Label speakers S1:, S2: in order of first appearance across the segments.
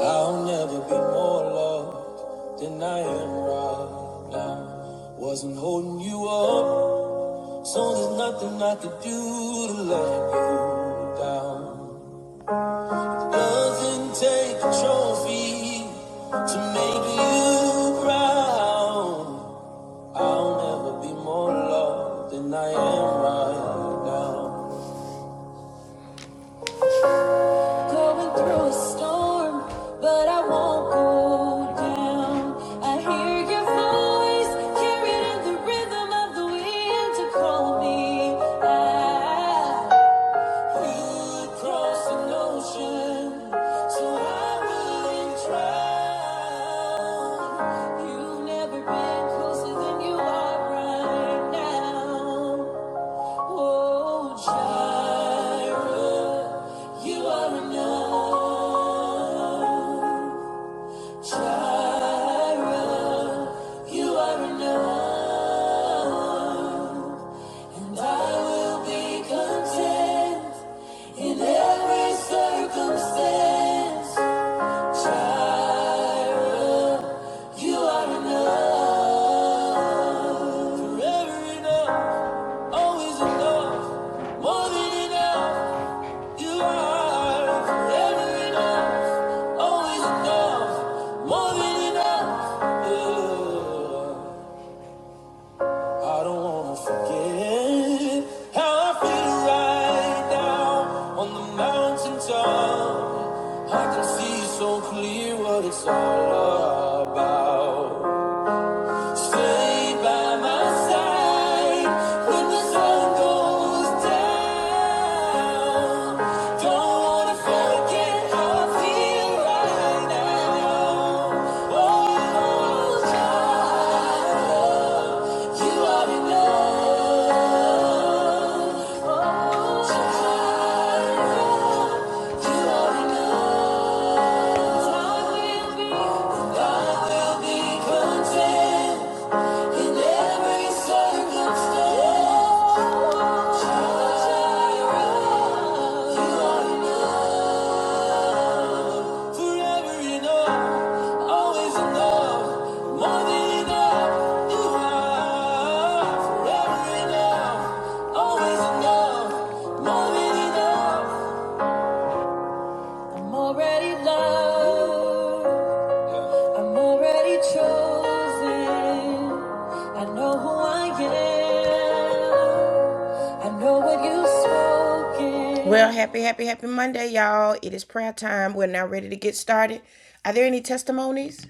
S1: I'll never be more loved than I am right now. Wasn't holding you up, so there's nothing I could do to let you down. Doesn't take a trophy to make you proud. I'll never be more loved than I am right now. Going through a storm, but I won't go down. I hear your voice carried in the rhythm of the wind to call me out. You crossed an ocean, so I wouldn't drown. You've never been closer than you are right now. Oh, Jireh. You are enough. Jireh. You are enough. Every circumstance. Jireh. You are enough. Forever enough. Always enough. More than enough. You are forever enough. Always enough. More than enough. Yeah. I don't wanna forget how I feel right now on the mountain top. I can see so clear what it's all about. Stay by my side when the sun goes down. Don't wanna forget how I feel right now. Oh, child, you are enough. Oh, Child, you are enough. God will be, God will be content in every circumstance. Jireh, you are enough. Forever enough, always enough, more than enough. You are forever enough, always enough, more than enough. I'm already loved. I'm already chosen. I know who I am. I know what you've spoken. Well, happy, happy, happy Monday, y'all. It is prayer time. We're now ready to get started. Are there any testimonies?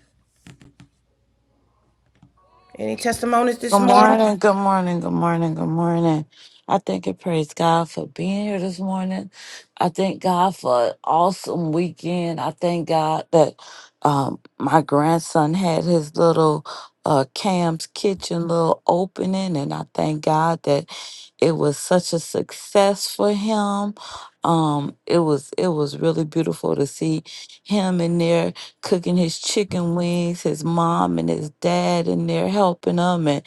S1: Any testimonies this
S2: Good
S1: morning?
S2: morning, good morning, good morning, good morning. I thank and praise God for being here this morning. I thank God for an awesome weekend. I thank God that um, my grandson had his little uh, Cam's Kitchen little opening, and I thank God that it was such a success for him. Um, it was it was really beautiful to see him in there cooking his chicken wings, his mom and his dad in there helping him, and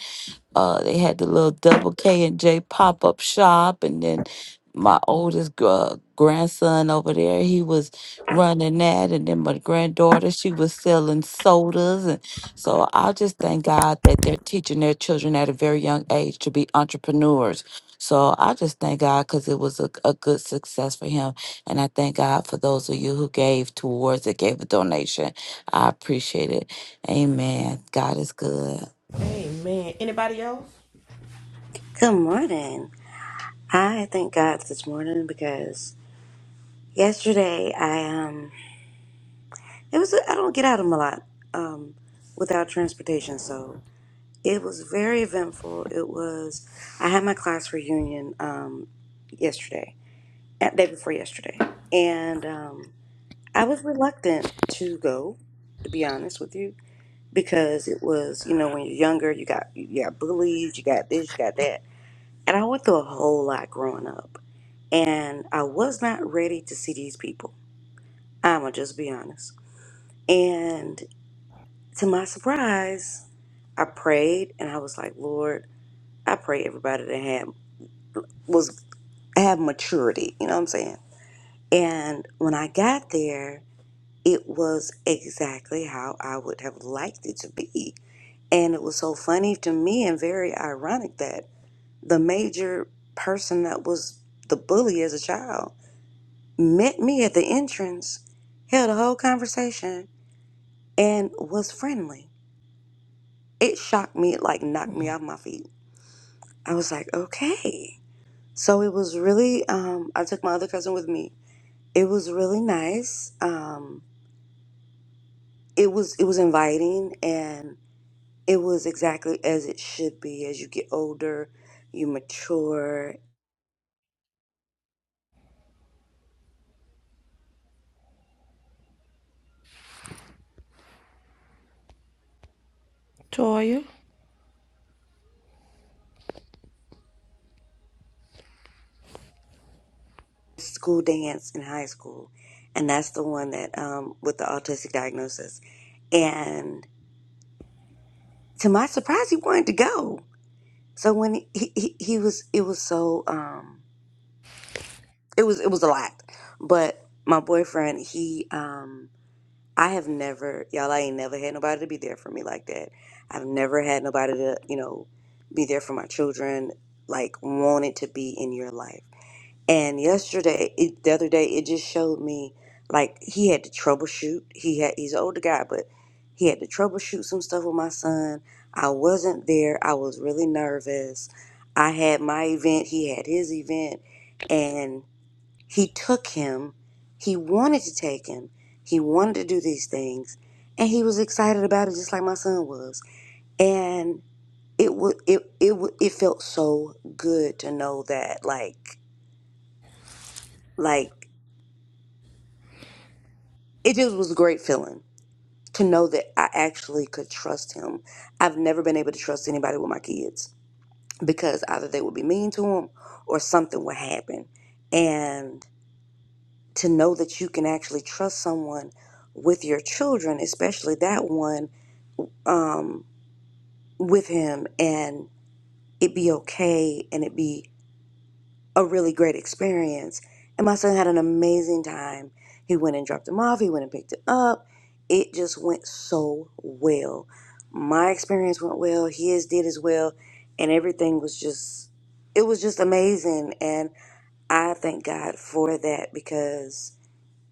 S2: uh, they had the little double K and J pop up shop, and then my oldest gr- uh, grandson over there, he was running that, and then my granddaughter, she was selling sodas, and so I just thank God that they're teaching their children at a very young age to be entrepreneurs. So I just thank God because it was a, a good success for him, and I thank God for those of you who gave towards it, gave a donation. I appreciate it. Amen. God is good.
S1: Amen. Anybody else?
S3: Good morning. I thank God this morning because yesterday I um it was I don't get out of them a lot um without transportation so it was very eventful. It was I had my class reunion um yesterday, uh, day before yesterday, and um I was reluctant to go to be honest with you because it was you know when you're younger you got you got bullied you got this you got that And I went through a whole lot growing up. And I was not ready to see these people. I'm going to just be honest. And to my surprise, I prayed and I was like, Lord, I pray everybody that had was have maturity. You know what I'm saying? And when I got there, it was exactly how I would have liked it to be. And it was so funny to me and very ironic that the major person that was the bully as a child met me at the entrance, held a whole conversation, and was friendly. It shocked me, it like knocked me off my feet. I was like, okay. So it was really um I took my other cousin with me. It was really nice. Um it was it was inviting and it was exactly as it should be as you get older, you mature. School dance in high school, and that's the one that um with the autistic diagnosis. And to my surprise, he wanted to go. So when he, he, he was, it was so, um, it was, it was a lot. But my boyfriend, he, um, I have never, y'all, I ain't never had nobody to be there for me like that. I've never had nobody to, you know, be there for my children, like wanted to be in your life. And yesterday, it, the other day, it just showed me like he had to troubleshoot. He had he's an older guy, but he had to troubleshoot some stuff with my son. I wasn't there. I was really nervous. I had my event. He had his event, and he took him. He wanted to take him. He wanted to do these things, and he was excited about it, just like my son was. And it was it it wa- it felt so good to know that like like. it just was a great feeling to know that I actually could trust him. I've never been able to trust anybody with my kids because either they would be mean to him or something would happen. And to know that you can actually trust someone with your children, especially that one, um, with him, and it be okay and it be a really great experience. And my son had an amazing time. He went and dropped him off, he went and picked it up. It just went so well. My experience went well, his did as well, and everything was just it was just amazing and I thank God for that because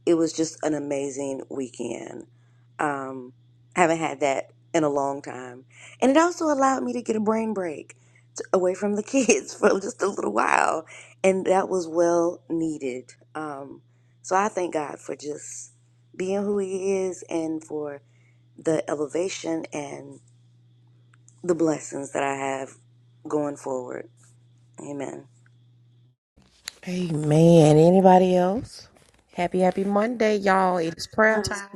S3: it was just an amazing weekend. Um, haven't had that in a long time, and it also allowed me to get a brain break to, away from the kids for just a little while, and that was well needed. Um, so I thank God for just being who He is, and for the elevation and the blessings that I have going forward. Amen.
S1: Amen. Anybody else? Happy, happy Monday, y'all. It is prayer time.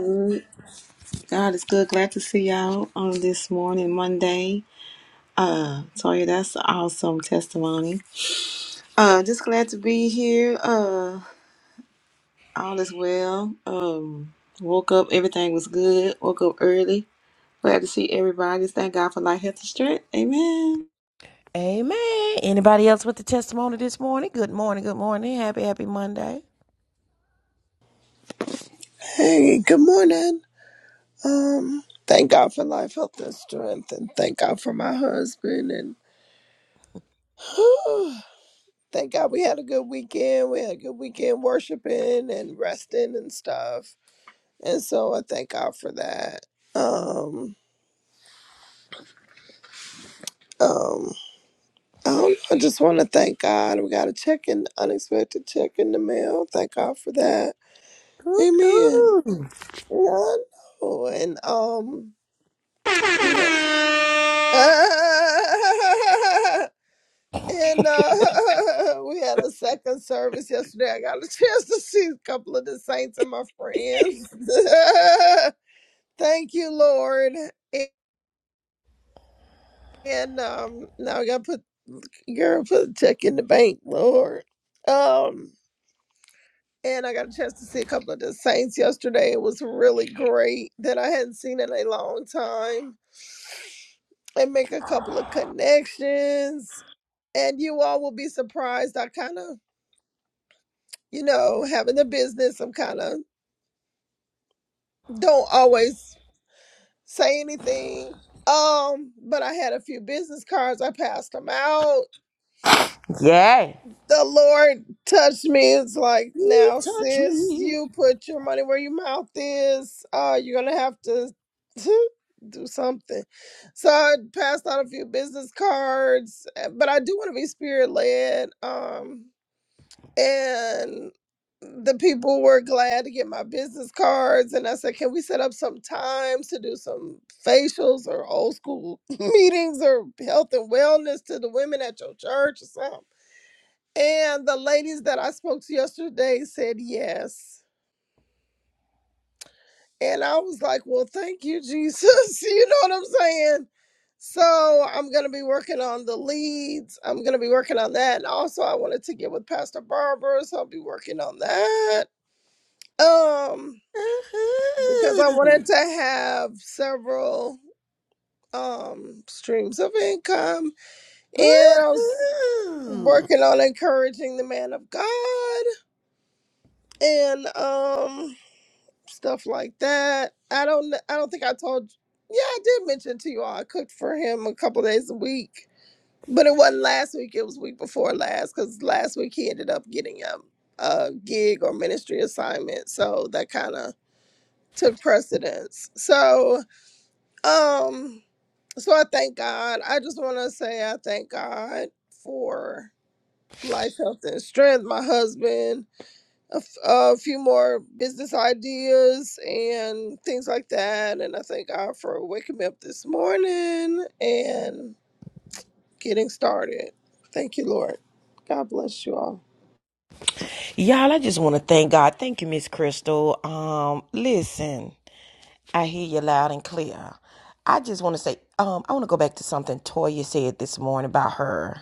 S4: God is good. Glad to see y'all on this morning, Monday. Uh, Toya, that's an awesome testimony. Uh, just glad to be here. Uh, all is well. Um, woke up, everything was good. Woke up early. Glad to see everybody. Just Thank God for life, health, and strength. Amen.
S1: Amen. Anybody else with the testimony this morning? Good morning. Good morning. Happy, happy Monday.
S5: Hey, good morning. Um, thank God for life, health, and strength, and thank God for my husband. And thank God we had a good weekend. We had a good weekend worshiping and resting and stuff. And so I thank God for that. Um, um, I don't know. I just want to thank God. We got a check in, unexpected check in the mail. Thank God for that. Amen.
S1: Woo-hoo.
S5: Yeah, I know. And um, yeah. And uh, we had a second service yesterday. I got a chance to see a couple of the saints and my friends. Thank you, Lord. And um, now I got to put girl put a check in the bank, Lord. Um, and I got a chance to see a couple of the saints yesterday. It was really great that I hadn't seen in a long time. And make a couple of connections. And you all will be surprised. I kind of you know, having a business, I'm kind of don't always say anything. Um, but I had a few business cards. I passed them out.
S1: Yay.
S5: The Lord touched me. It's like, now, sis, you put your money where your mouth is. Uh, you're gonna have to do something. So I passed out a few business cards, eh, but I do want to be spirit led. Um, and the people were glad to get my business cards and i said can we set up some times to do some facials or old school meetings or health and wellness to the women at your church or something and the ladies that i spoke to yesterday said yes and i was like well thank you jesus you know what i'm saying so i'm going to be working on the leads i'm going to be working on that and also i wanted to get with pastor barbara so i'll be working on that Um, because I
S1: Woo-hoo.
S5: wanted to have several um streams of income, and I was
S1: Woo-hoo.
S5: working on encouraging the man of God and um stuff like that. I don't, I don't think I told. Yeah, I did mention to you all I cooked for him a couple days a week, but it wasn't last week. It was week before last because last week he ended up getting a, a gig or ministry assignment, so that kind of took precedence. So Um, so I thank God. I just want to say I thank God for life, health, and strength. My husband, a, f- a few more business ideas and things like that. And I thank God for waking me up this morning and getting started. Thank you, Lord. God bless you all.
S1: Y'all, I just want to thank God. Thank you, Miss Crystal. Um, listen, I hear you loud and clear. I just want to say, um, I want to go back to something Toya said this morning about her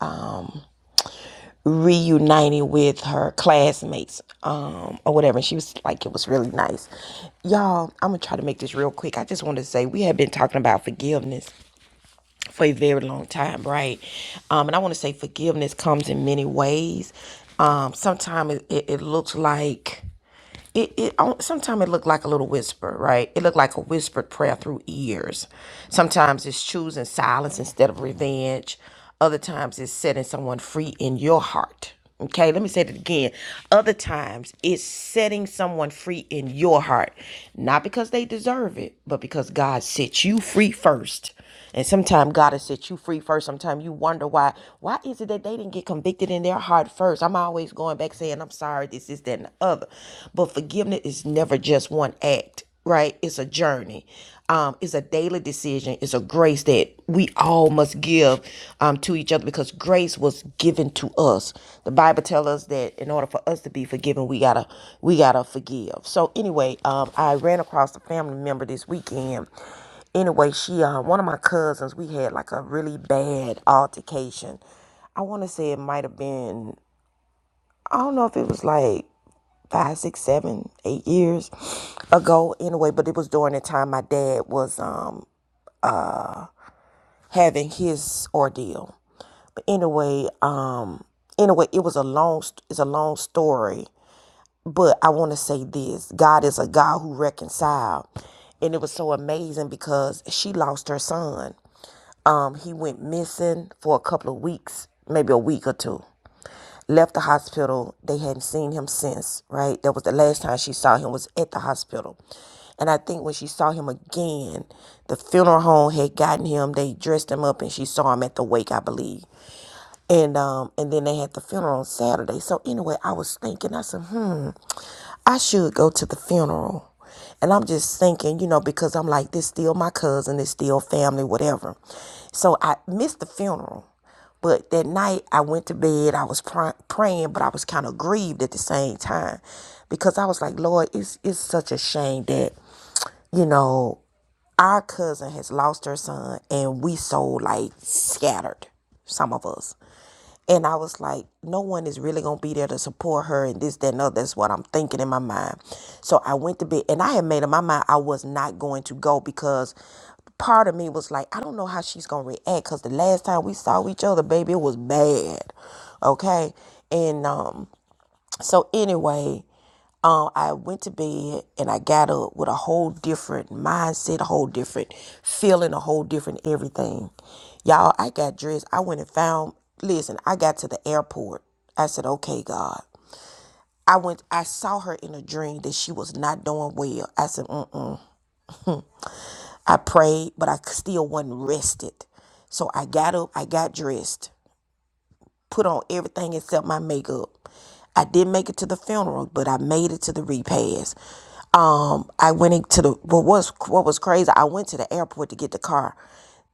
S1: um reuniting with her classmates, um, or whatever. And she was like, it was really nice. Y'all, I'm gonna try to make this real quick. I just want to say we have been talking about forgiveness. for a very long time, right? Um, and I want to say forgiveness comes in many ways. Um, sometimes it, it, it looks like it, it sometimes it looked like a little whisper, right? It looked like a whispered prayer through ears. Sometimes it's choosing silence instead of revenge. Other times it's setting someone free in your heart. Okay, let me say that again. Other times it's setting someone free in your heart, not because they deserve it, but because God set you free first. And sometimes God has set you free first. Sometimes you wonder why. Why is it that they didn't get convicted in their heart first? I'm always going back saying, I'm sorry, this is that and the other. But forgiveness is never just one act, right? It's a journey. Um, it's a daily decision. It's a grace that we all must give um, to each other because grace was given to us. The Bible tells us that in order for us to be forgiven, we gotta we gotta forgive. So anyway, um, I ran across a family member this weekend Anyway, she uh, one of my cousins, we had like a really bad altercation. I want to say it might have been I don't know if it was like five, six, seven, eight years ago. Anyway, but it was during the time my dad was um uh having his ordeal. But anyway, um anyway, it was a long st- it's a long story, but I want to say this: God is a God who reconciled, and it was so amazing because she lost her son. um, he went missing for a couple of weeks, maybe a week or two left the hospital. They hadn't seen him since, right? That was the last time she saw him was at the hospital. And I think when she saw him again, the funeral home had gotten him. They dressed him up and she saw him at the wake, I believe. And um and then they had the funeral on Saturday. So anyway, I was thinking, I said, hmm, I should go to the funeral. And I'm just thinking, you know, because I'm like, this still my cousin, it's still family, whatever. So I missed the funeral. But that night I went to bed. I was pr- praying, but I was kind of grieved at the same time because I was like, Lord, it's it's such a shame that you know our cousin has lost her son, and we so like scattered, some of us. And I was like, no one is really gonna be there to support her and this, that, and other. That's what I'm thinking in my mind. So I went to bed and I had made up my mind I was not going to go because part of me was like, I don't know how she's gonna react because the last time we saw each other, baby, it was bad. Okay. And um so anyway, um, I went to bed and I got up with a whole different mindset, a whole different feeling, a whole different everything. Y'all, I got dressed. I went and found, listen, I got to the airport. I said, okay, God. I went, I saw her in a dream that she was not doing well. I said, mm-mm. I prayed, but I still wasn't rested. So I got up, I got dressed. put on everything except my makeup. I did not make it to the funeral, but I made it to the repast. Um, I went into the what was what was crazy. I went to the airport to get the car.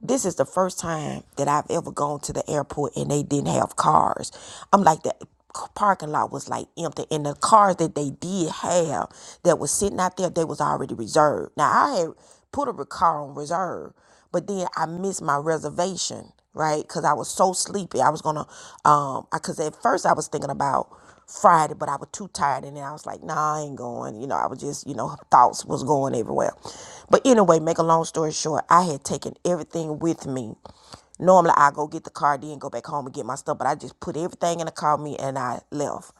S1: This is the first time that I've ever gone to the airport and they didn't have cars. I'm like the parking lot was like empty and the cars that they did have that was sitting out there they was already reserved now i had put a car on reserve but then I missed my reservation, right? Because I was so sleepy. I was gonna, um, because at first I was thinking about Friday, but I was too tired, and then I was like, nah, I ain't going. You know, I was just, you know, thoughts was going everywhere. But anyway, make a long story short, I had taken everything with me. Normally I go get the car, then go back home and get my stuff, but I just put everything in the car with me and I left.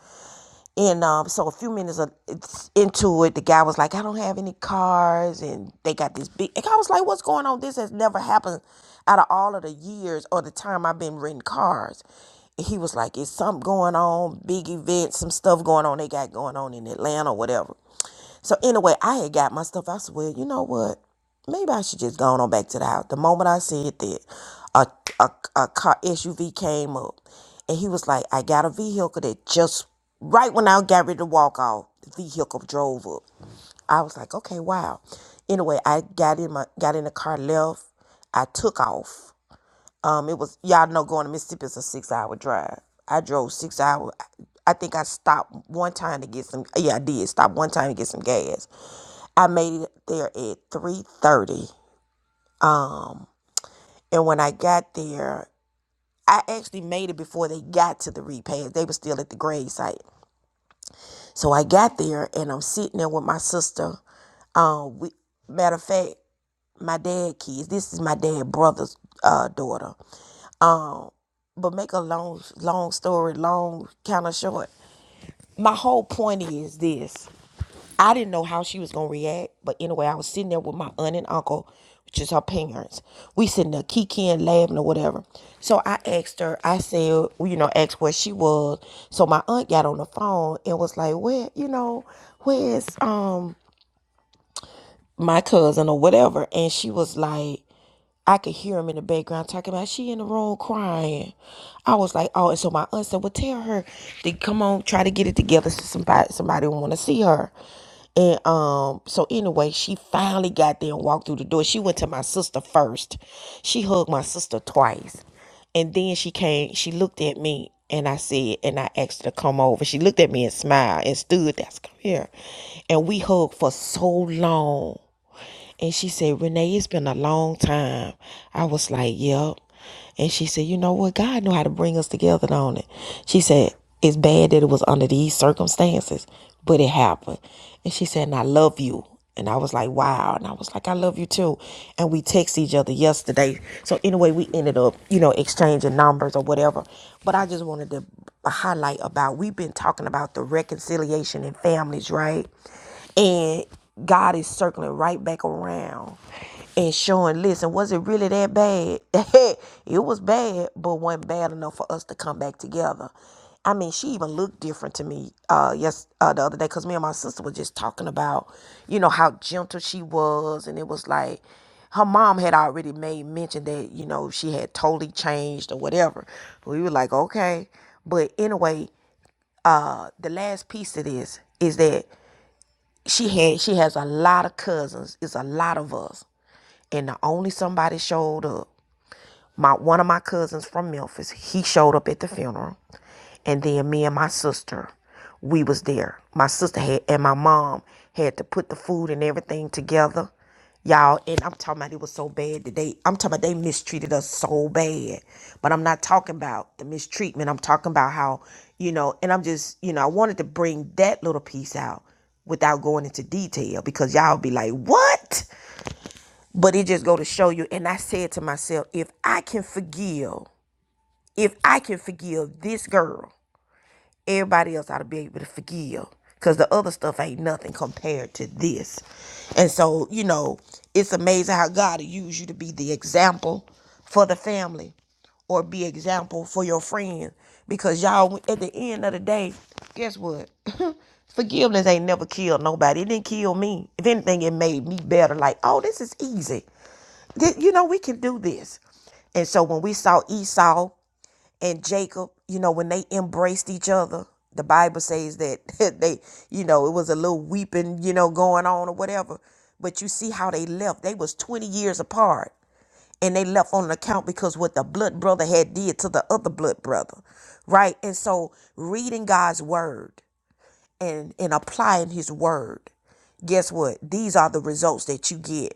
S1: And um, so a few minutes of- it's into it, the guy was like, I don't have any cars. And they got this big. And I was like, what's going on? This has never happened out of all of the years or the time I've been renting cars. And he was like, it's something going on, big event, some stuff going on they got going on in Atlanta, or whatever. So anyway, I had got my stuff. I said, well, you know what? Maybe I should just go on back to the house. The moment I said that, a, a, a car SUV came up and he was like, I got a vehicle that just right when I got ready to walk off, the vehicle drove up. I was like, okay, wow. Anyway, I got in my got in the car, left. I took off. Um, it was y'all know going to Mississippi is a six hour drive. I drove six hour. I think I stopped one time to get some. Yeah, I did stop one time to get some gas. I made it there at three thirty. Um, and when I got there, I actually made it before they got to the repast. They were still at the grave site. So I got there and I'm sitting there with my sister. Um, we, matter of fact, my dad kids. This is my dad brother's uh daughter. Um, but make a long long story long kind of short my whole point is this i didn't know how she was gonna react but anyway i was sitting there with my aunt and uncle which is her parents we sitting there kikiing laughing or whatever so i asked her i said well, you know asked where she was so my aunt got on the phone and was like where you know where's um my cousin or whatever and she was like I could hear him in the background talking about she in the room crying. I was like, oh, and so my aunt said, well, tell her to come on, try to get it together so somebody somebody want to see her. And um, so anyway, she finally got there and walked through the door. She went to my sister first. She hugged my sister twice, and then she came. She looked at me, and I said, and I asked her to come over. She looked at me and smiled and stood. That's come here, and we hugged for so long. And she said, Renee, it's been a long time. I was like, Yep. And she said, You know what? God knew how to bring us together on it. She said, It's bad that it was under these circumstances, but it happened. And she said, And I love you. And I was like, Wow. And I was like, I love you too. And we text each other yesterday. So anyway, we ended up, you know, exchanging numbers or whatever. But I just wanted to highlight about we've been talking about the reconciliation in families, right? And God is circling right back around and showing, listen, was it really that bad? it was bad, but wasn't bad enough for us to come back together. I mean, she even looked different to me uh, yes uh, the other day because me and my sister were just talking about, you know, how gentle she was, and it was like her mom had already made mention that you know she had totally changed or whatever. We were like, okay, but anyway, uh, the last piece of this is that she had she has a lot of cousins. It's a lot of us. And the only somebody showed up. My one of my cousins from Memphis, he showed up at the funeral and then me and my sister we was there my sister had and my mom had to put the food and everything together y'all and i'm talking about it was so bad that they i'm talking about they mistreated us so bad but i'm not talking about the mistreatment i'm talking about how you know and i'm just you know i wanted to bring that little piece out without going into detail because y'all be like what but it just go to show you and i said to myself if i can forgive if i can forgive this girl Everybody else ought to be able to forgive because the other stuff ain't nothing compared to this. And so, you know, it's amazing how God will use you to be the example for the family or be example for your friends because y'all at the end of the day guess what forgiveness ain't never killed nobody it didn't kill me if anything it made me better like oh this is easy you know we can do this and so when we saw esau and Jacob, you know, when they embraced each other, the Bible says that they, you know, it was a little weeping, you know, going on or whatever. But you see how they left. They was 20 years apart and they left on account because what the blood brother had did to the other blood brother. Right? And so reading God's word and and applying his word guess what? These are the results that you get.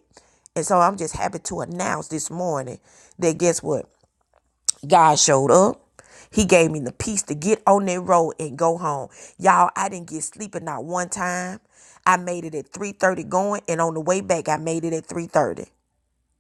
S1: And so I'm just happy to announce this morning that guess what? God showed up. He gave me the peace to get on that road and go home. Y'all, I didn't get sleeping not one time. I made it at 3:30 going, and on the way back, I made it at 3:30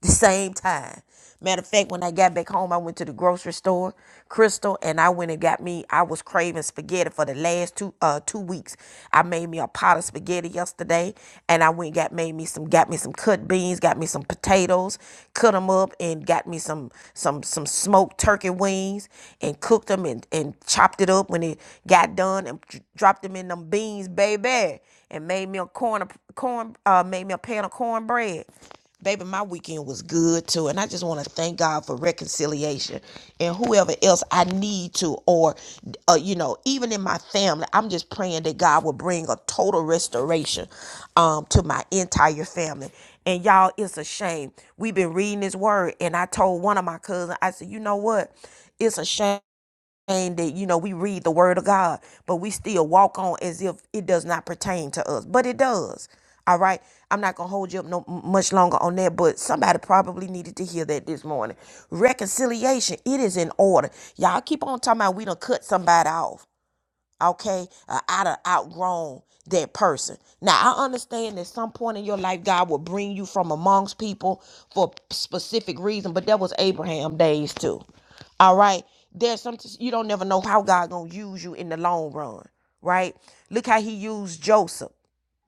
S1: the same time. Matter of fact, when I got back home, I went to the grocery store, Crystal, and I went and got me. I was craving spaghetti for the last two uh two weeks. I made me a pot of spaghetti yesterday, and I went and got made me some got me some cut beans, got me some potatoes, cut them up, and got me some some some smoked turkey wings, and cooked them and and chopped it up when it got done, and dropped them in them beans, baby, and made me a corn corn uh made me a pan of cornbread. Baby, my weekend was good too. And I just want to thank God for reconciliation and whoever else I need to, or, uh, you know, even in my family, I'm just praying that God will bring a total restoration um, to my entire family. And y'all, it's a shame. We've been reading this word, and I told one of my cousins, I said, you know what? It's a shame. And that you know we read the word of God, but we still walk on as if it does not pertain to us, but it does. All right, I'm not gonna hold you up no much longer on that, but somebody probably needed to hear that this morning. Reconciliation, it is in order. Y'all keep on talking about we don't cut somebody off okay, uh, out of outgrown that person. Now I understand that some point in your life God will bring you from amongst people for specific reason, but that was Abraham days too. All right, there's some you don't never know how God gonna use you in the long run, right? Look how He used Joseph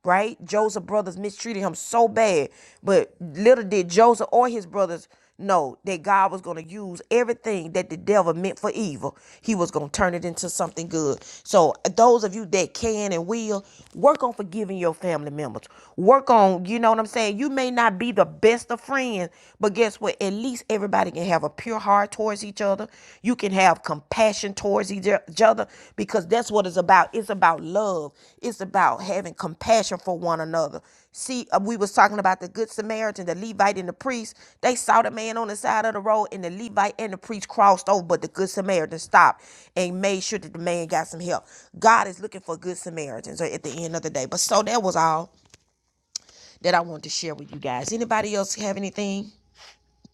S1: right? Joseph's brothers mistreated him so bad, but little did Joseph or his brothers know that God was going to use everything that the devil meant for evil. He was going to turn it into something good. So those of you that can and will work on forgiving your family members. Work on, you know what I'm saying? You may not be the best of friends, but guess what? At least everybody can have a pure heart towards each other other. You can have compassion towards each other because that's what it's about. It's about love. It's about having compassion for one another. See, uh, we was talking about the good Samaritan, the Levite and the priest. They saw the man on the side of the road and the Levite and the priest crossed over, but the good Samaritan stopped and made sure that the man got some help. God is looking for good Samaritans uh, at the end of the day. But so that was all that I wanted to share with you guys. Anybody else have anything?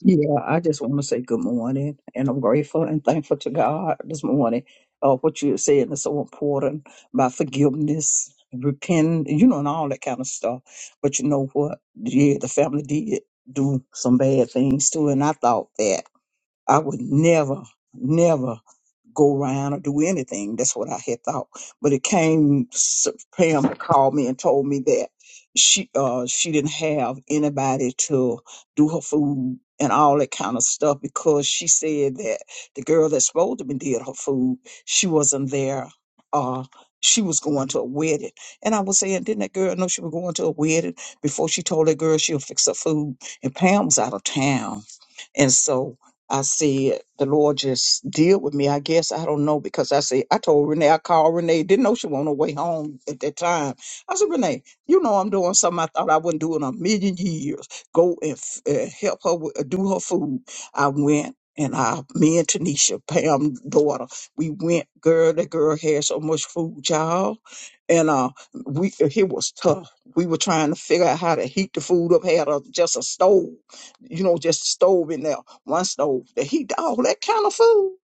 S6: Yeah, I just want to say good morning, and I'm grateful and thankful to God this morning. Uh, what you're saying is so important about forgiveness, repent, you know, and all that kind of stuff. But you know what? Yeah, the family did do some bad things too, and I thought that I would never, never go around or do anything. That's what I had thought. But it came, s- Pam called me and told me that she uh she didn't have anybody to do her food and all that kind of stuff because she said that the girl that's supposed to be did her food, she wasn't there. Uh she was going to a wedding. And I was saying, didn't that girl know she was going to a wedding before she told that girl she'll fix her food? And Pam was out of town and so I said, the Lord just deal with me. I guess I don't know because I said I told Renee, I called Renee, didn't know she was on her way home at that time. I said, Renee, you know I'm doing something I thought I wouldn't do in a million years. Go and f- uh, help her with, uh, do her food. I went. And I, me and Tanisha, Pam's daughter, we went. Girl, that girl had so much food, y'all, and uh, we it was tough. We were trying to figure out how to heat the food up. Had a, just a stove, you know, just a stove in there, one stove that heat all that kind of food.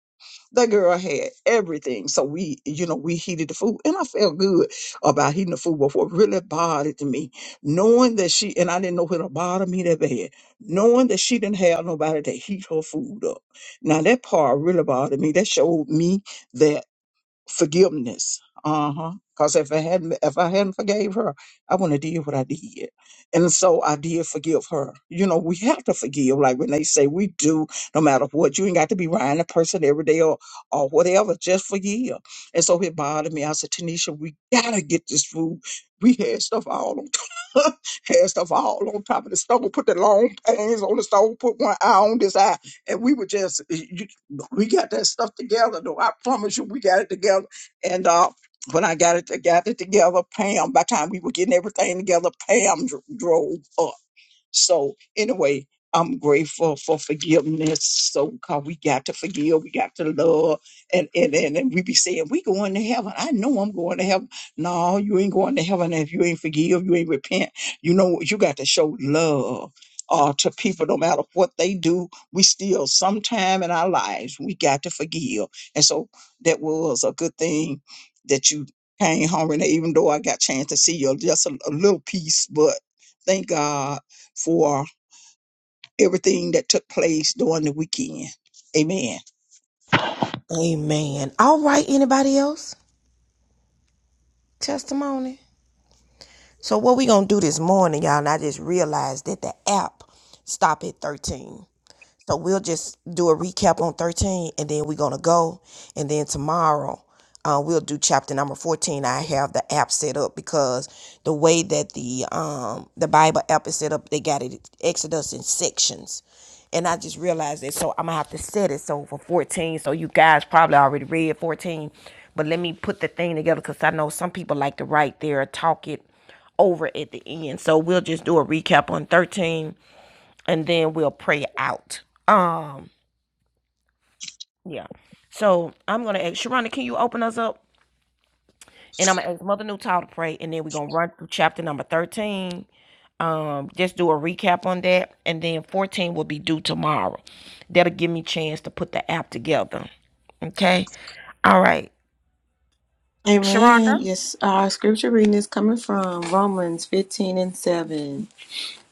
S6: That girl had everything. So we, you know, we heated the food and I felt good about heating the food. But what really bothered me, knowing that she, and I didn't know it'll bother me that bad, knowing that she didn't have nobody to heat her food up. Now that part really bothered me. That showed me that forgiveness. Uh huh. Because if I hadn't, if I hadn't forgave her, I wouldn't have did what I did. And so I did forgive her. You know, we have to forgive. Like when they say we do, no matter what, you ain't got to be riding the person every day or, or whatever. Just forgive. And so it bothered me. I said, Tanisha, we gotta get this food. We had stuff all on top. had stuff all on top of the stove. Put the long pans on the stove. Put one eye on this eye, and we were just we got that stuff together though. I promise you we got it together. And uh when I got it got it together, Pam, by the time we were getting everything together, Pam dr- drove up. So anyway, I'm grateful for forgiveness. So cause we got to forgive, we got to love, and and and, and we be saying we going to heaven. I know I'm going to heaven. No, you ain't going to heaven if you ain't forgive, you ain't repent. You know you got to show love. Uh, to people, no matter what they do, we still sometime in our lives we got to forgive, and so that was a good thing that you came home. And even though I got chance to see you, just a, a little piece, but thank God for everything that took place during the weekend. Amen.
S1: Amen. All right, anybody else? Testimony? So what we gonna do this morning, y'all? And I just realized that the app stopped at thirteen. So we'll just do a recap on 13 and then we're going to go. And then tomorrow uh, we'll do chapter number 14. I have the app set up because the way that the um, the Bible app is set up, they got it Exodus in sections. And I just realized that. So I'm going to have to set it. So for 14, so you guys probably already read 14. But let me put the thing together because I know some people like to write there, talk it over at the end. So we'll just do a recap on 13 and then we'll pray out. Um, yeah. So I'm gonna ask Sharonda, can you open us up? And I'm gonna ask Mother Newtile to pray, and then we're gonna run through chapter number 13. Um, just do a recap on that, and then 14 will be due tomorrow. That'll give me a chance to put the app together. Okay. All right. Sharonda.
S4: Amen. Yes, our scripture reading is coming from Romans 15 and 7.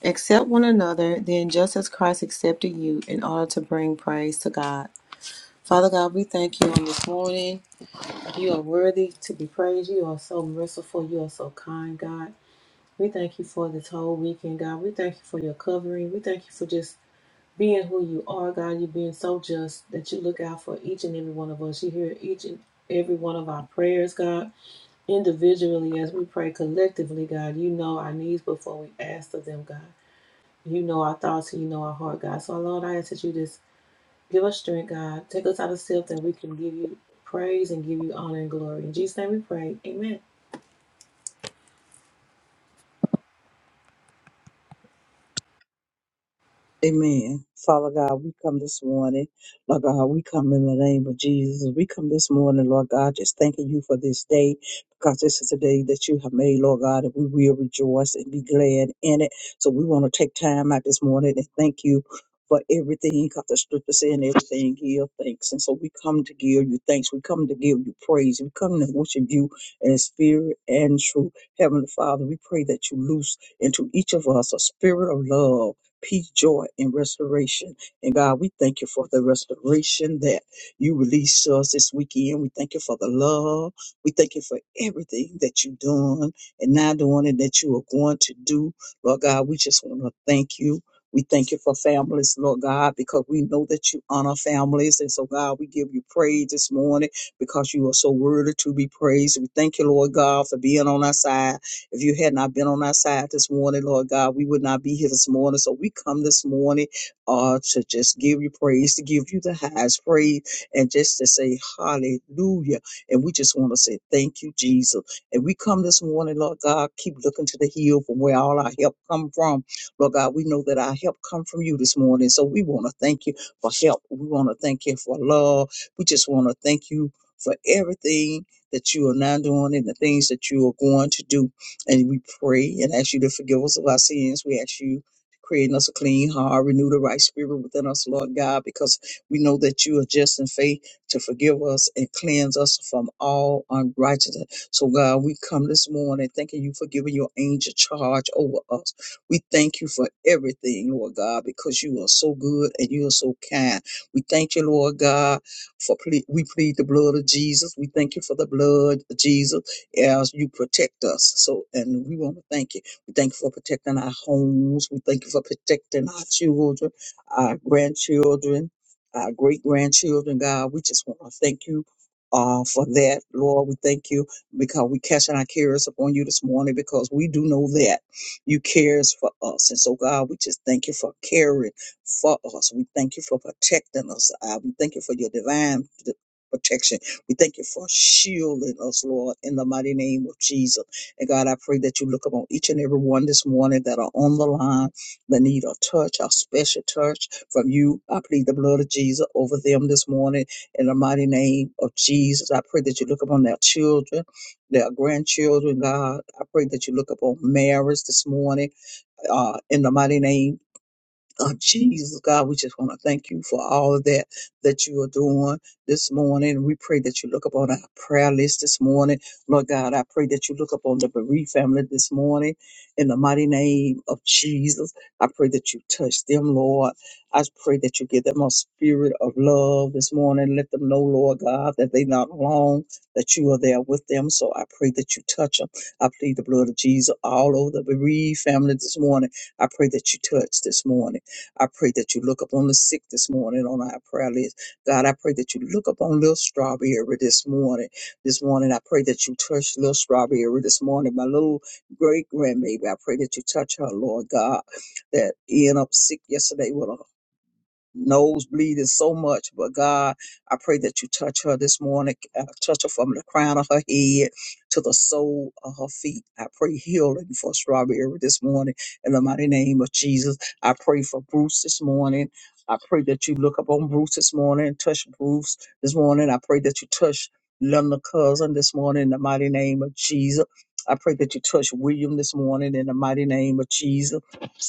S4: Accept one another, then just as Christ accepted you in order to bring praise to God. Father God, we thank you on this morning. You are worthy to be praised. You are so merciful. You are so kind, God. We thank you for this whole weekend, God. We thank you for your covering. We thank you for just being who you are, God. You being so just that you look out for each and every one of us. You hear each and every one of our prayers, God. Individually, as we pray collectively, God, you know our needs before we ask of them, God. You know our thoughts and you know our heart, God. So, Lord, I ask that you just Give us strength, God. Take us out of self that we can give you praise and give you honor and glory. In Jesus' name we pray. Amen.
S6: Amen. Father God, we come this morning. Lord God, we come in the name of Jesus. We come this morning, Lord God, just thanking you for this day because this is a day that you have made, Lord God, and we will rejoice and be glad in it. So we want to take time out this morning and thank you for everything because the scripture saying everything give thanks. And so we come to give you thanks. We come to give you praise. We come to worship you in spirit and truth. Heavenly Father, we pray that you loose into each of us a spirit of love peace, joy, and restoration. And God, we thank you for the restoration that you released to us this weekend. We thank you for the love. We thank you for everything that you've done and now doing and that you are going to do. Lord God, we just want to thank you. We thank you for families, Lord God, because we know that you honor families. And so, God, we give you praise this morning because you are so worthy to be praised. We thank you, Lord God, for being on our side. If you had not been on our side this morning, Lord God, we would not be here this morning. So we come this morning uh, to just give you praise, to give you the highest praise, and just to say hallelujah. And we just want to say thank you, Jesus. And we come this morning, Lord God, keep looking to the hill from where all our help come from. Lord God, we know that our help come from you this morning. So we want to thank you for help. We want to thank you for love. We just want to thank you for everything that you are now doing and the things that you are going to do. And we pray and ask you to forgive us of our sins. We ask you to create in us a clean heart, renew the right spirit within us, Lord God, because we know that you are just in faith to forgive us and cleanse us from all unrighteousness. So, God, we come this morning thanking you for giving your angel charge over us. We thank you for everything, Lord God, because you are so good and you are so kind. We thank you, Lord God, for ple- we plead the blood of Jesus. We thank you for the blood of Jesus as you protect us. So, and we want to thank you. We thank you for protecting our homes. We thank you for protecting our children, our grandchildren, our great grandchildren, God. We just want to thank you. Uh, for that, Lord, we thank you because we catching our cares upon you this morning because we do know that you cares for us. And so, God, we just thank you for caring for us. We thank you for protecting us. Uh, we thank you for your divine protection we thank you for shielding us, Lord, in the mighty name of Jesus. And God, I pray that you look upon each and every one this morning that are on the line that need a touch, a special touch from you. I plead the blood of Jesus over them this morning in the mighty name of Jesus. I pray that you look upon their children, their grandchildren, God. I pray that you look upon marriage this morning uh, in the mighty name of Jesus, God. We just want to thank you for all of that that you are doing this morning. We pray that you look upon our prayer list this morning. Lord God, I pray that you look upon the bereaved family this morning in the mighty name of Jesus. I pray that you touch them, Lord. I pray that you give them a spirit of love this morning. Let them know, Lord God, that they're not alone, that you are there with them. So I pray that you touch them. I plead the blood of Jesus all over the bereaved family this morning. I pray that you touch this morning. I pray that you look upon the sick this morning on our prayer list. God, I pray that you look upon little strawberry this morning. This morning, I pray that you touch little strawberry this morning. My little great grandbaby, I pray that you touch her, Lord God, that end up sick yesterday with a Nose bleeding so much, but God, I pray that you touch her this morning, uh, touch her from the crown of her head to the sole of her feet. I pray healing for Strawberry this morning in the mighty name of Jesus. I pray for Bruce this morning. I pray that you look up on Bruce this morning, touch Bruce this morning. I pray that you touch Linda Cousin this morning in the mighty name of Jesus. I pray that you touch William this morning in the mighty name of Jesus.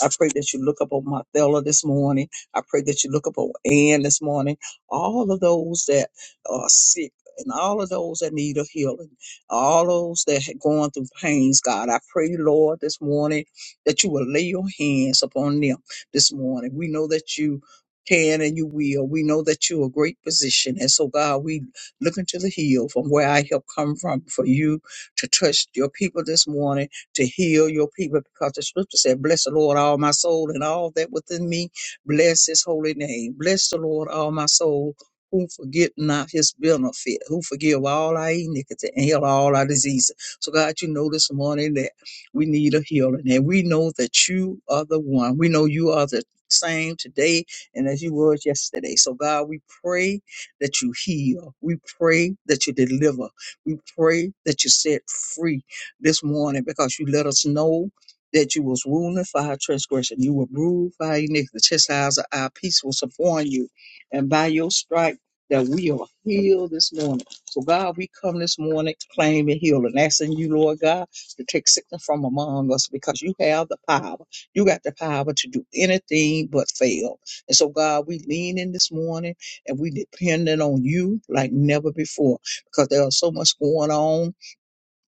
S6: I pray that you look up on Marthella this morning I pray that you look up on Ann this morning, all of those that are sick. And all of those that need a healing, all those that are going through pains, God, I pray, Lord, this morning that you will lay your hands upon them this morning. We know that you can and you will. We know that you're a great physician. And so, God, we look into the hill from where I help come from for you to touch your people this morning, to heal your people, because the scripture said, Bless the Lord, all my soul, and all that within me Bless his holy name. Bless the Lord, all my soul, who forget not his benefit, who forgive all our iniquity and heal all our diseases. So, God, you know this morning that we need a healing, and we know that you are the one. We know you are the same today and as you was yesterday. So God, we pray that you heal. We pray that you deliver. We pray that you set free this morning because you let us know that you was wounded for our transgression. You were bruised for our iniquity. The chastisement of our peace was upon you. And by your stripe that we are healed this morning. So God, we come this morning claiming healing, asking you, Lord God, to take sickness from among us because you have the power. You got the power to do anything but fail. And so God, we lean in this morning and we depending on you like never before because there is so much going on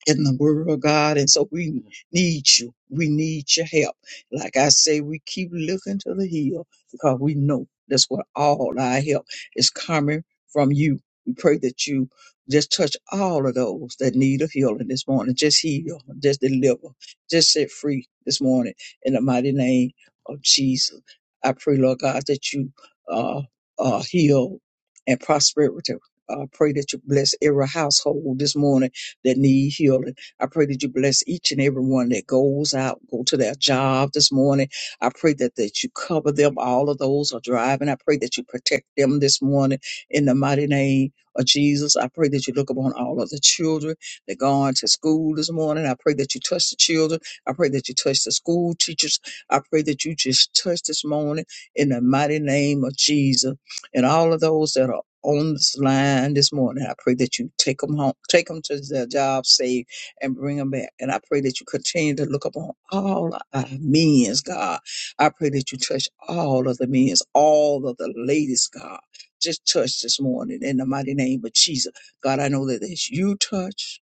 S6: in the word of God. And so we need you. We need your help. Like I say, we keep looking to the hill because we know that's where all our help is coming from you. We pray that you just touch all of those that need a healing this morning. Just heal, just deliver, just set free this morning in the mighty name of Jesus. I pray, Lord God, that you uh, uh, heal and prosperity. I pray that you bless every household this morning that need healing. I pray that you bless each and every one that goes out, go to their job this morning. I pray that, that you cover them. All of those are driving. I pray that you protect them this morning in the mighty name of Jesus. I pray that you look upon all of the children that gone to school this morning. I pray that you touch the children. I pray that you touch the school teachers. I pray that you just touch this morning in the mighty name of Jesus. And all of those that are on this line this morning. I pray that you take them home, take them to their job safe, and bring them back. And I pray that you continue to look upon all our men's God. I pray that you touch all of the men's, all of the ladies, God. Just touch this morning in the mighty name of Jesus. God, I know that as you touch,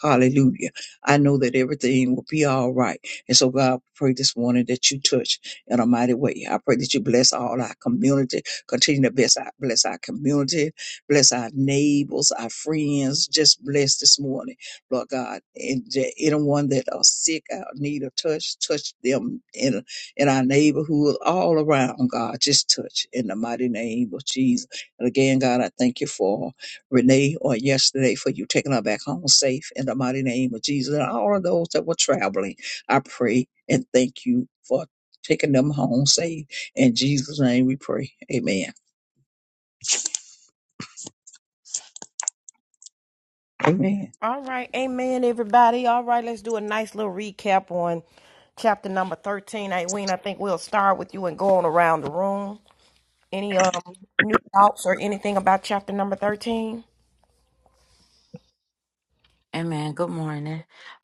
S6: hallelujah. I know that everything will be all right. And so, God, I pray this morning that you touch in a mighty way. I pray that you bless all our community. Continue to bless our, bless our community, bless our neighbors, our friends. Just bless this morning, Lord God. And the- anyone that are sick, out need a touch, touch them in, in our neighborhood, all around, God. Just touch in the mighty name of Jesus. And again, God, I thank you for Renee on yesterday for you taking her back home safe in the mighty name of Jesus. And all of those that were traveling, I pray and thank you for taking them home safe in Jesus' name we pray. Amen. Amen.
S1: All right. Amen, everybody. All right, let's do a nice little recap on chapter number 13. Ween. I think we'll start with you and go on around the room. Any um new thoughts or anything about chapter number thirteen?
S2: Amen. Good morning.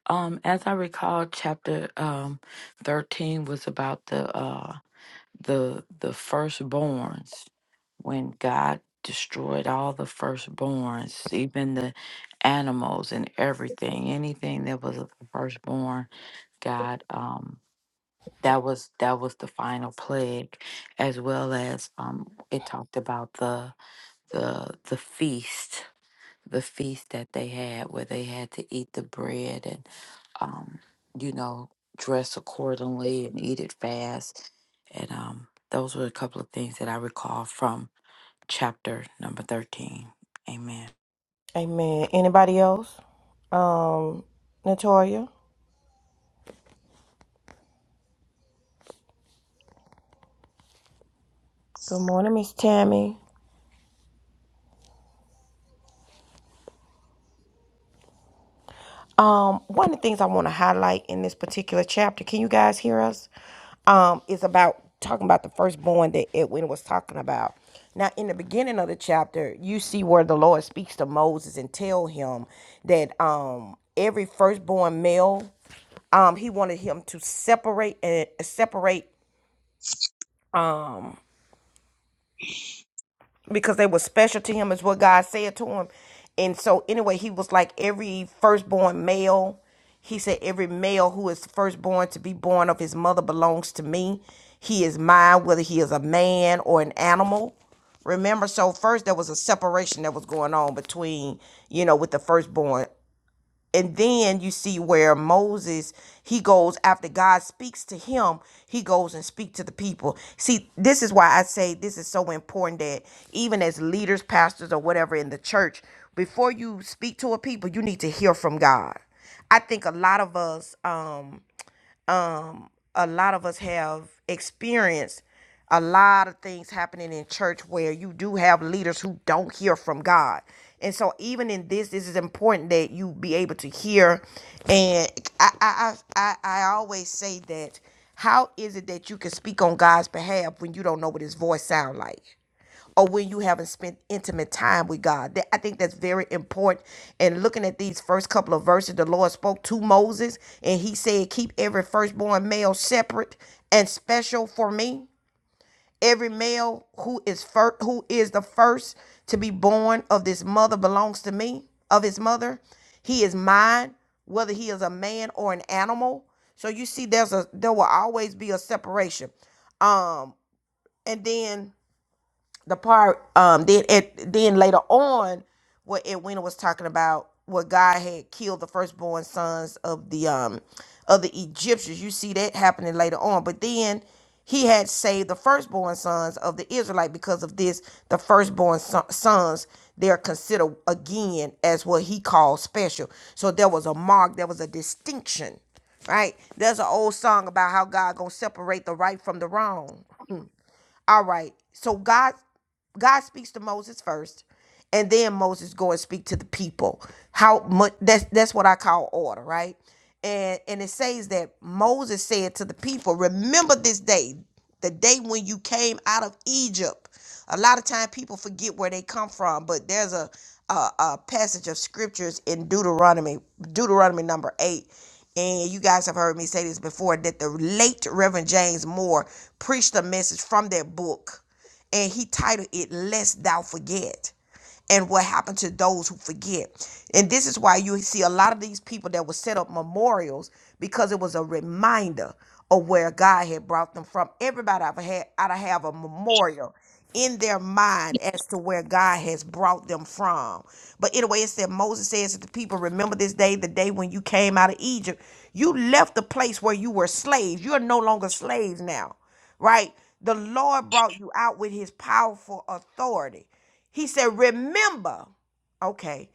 S2: Um, as I recall, chapter um thirteen was about the uh the the firstborns when God destroyed all the firstborns, even the animals and everything, anything that was of the firstborn, God um that was that was the final plague, as well as um it talked about the the the feast the feast that they had where they had to eat the bread um, you know, dress accordingly and eat it fast. And um, those were a couple of things that I recall from chapter number 13. Amen.
S1: Amen. Anybody else? Um, Natoya. Good morning, Miss Tammy. Um, one of the things I want to highlight in this particular chapter, can you guys hear us? Um, is about talking about the firstborn that Edwin was talking about. Now, in the beginning of the chapter, you see where the Lord speaks to Moses and tell him that um every firstborn male, um, he wanted him to separate and separate um because they were special to him is what God said to him. And so anyway, he was like every firstborn male. He said every male who is firstborn to be born of his mother belongs to me. He is mine whether he is a man or an animal. Remember so first there was a separation that was going on between, you know, with the firstborn and then you see where Moses he goes after God speaks to him he goes and speak to the people see this is why I say this is so important that even as leaders pastors or whatever in the church before you speak to a people you need to hear from God I think a lot of us um um, a lot of us have experienced a lot of things happening in church where you do have leaders who don't hear from God. And so even in this, this is important that you be able to hear. And I I I, I I always say that how is it that you can speak on God's behalf when you don't know what his voice sound like? or when you haven't spent intimate time with God. That- I think that's very important. And looking at these first couple of verses, the Lord spoke to Moses and he said, Keep every firstborn male separate and special for me. Every male who is first, who is the first to be born of this mother belongs to me, of his mother. He is mine, whether he is a man or an animal. So you see, there's a there will always be a separation. Um, and then the part um then it then later on what Edwina was talking about what God had killed the firstborn sons of the um of the Egyptians. You see that happening later on. But then he had saved the firstborn sons of the Israelite because of this. The firstborn son- sons they're considered again as what he called special. So there was a mark, there was a distinction, right? There's an old song about how God gonna separate the right from the wrong. All right. So God God speaks to Moses first, and then Moses go and speak to the people. How much that's that's what I call order, right? And and it says that Moses said to the people, Remember this day, the day when you came out of Egypt. A lot of time people forget where they come from, but there's a a, a passage of scriptures in Deuteronomy, Deuteronomy number eight. And you guys have heard me say this before that the late Reverend James Moore preached a message from that book and he titled it Lest Thou Forget and what happened to those who forget. And this is why you see a lot of these people that would set up memorials because it was a reminder of where God had brought them from. Everybody I've had ought to have a memorial in their mind as to where God has brought them from. But anyway, it said Moses says to the people, remember this day, the day when you came out of Egypt. You left the place where you were slaves. You are no longer slaves now right? The Lord brought you out with his powerful authority. He said, Remember, okay,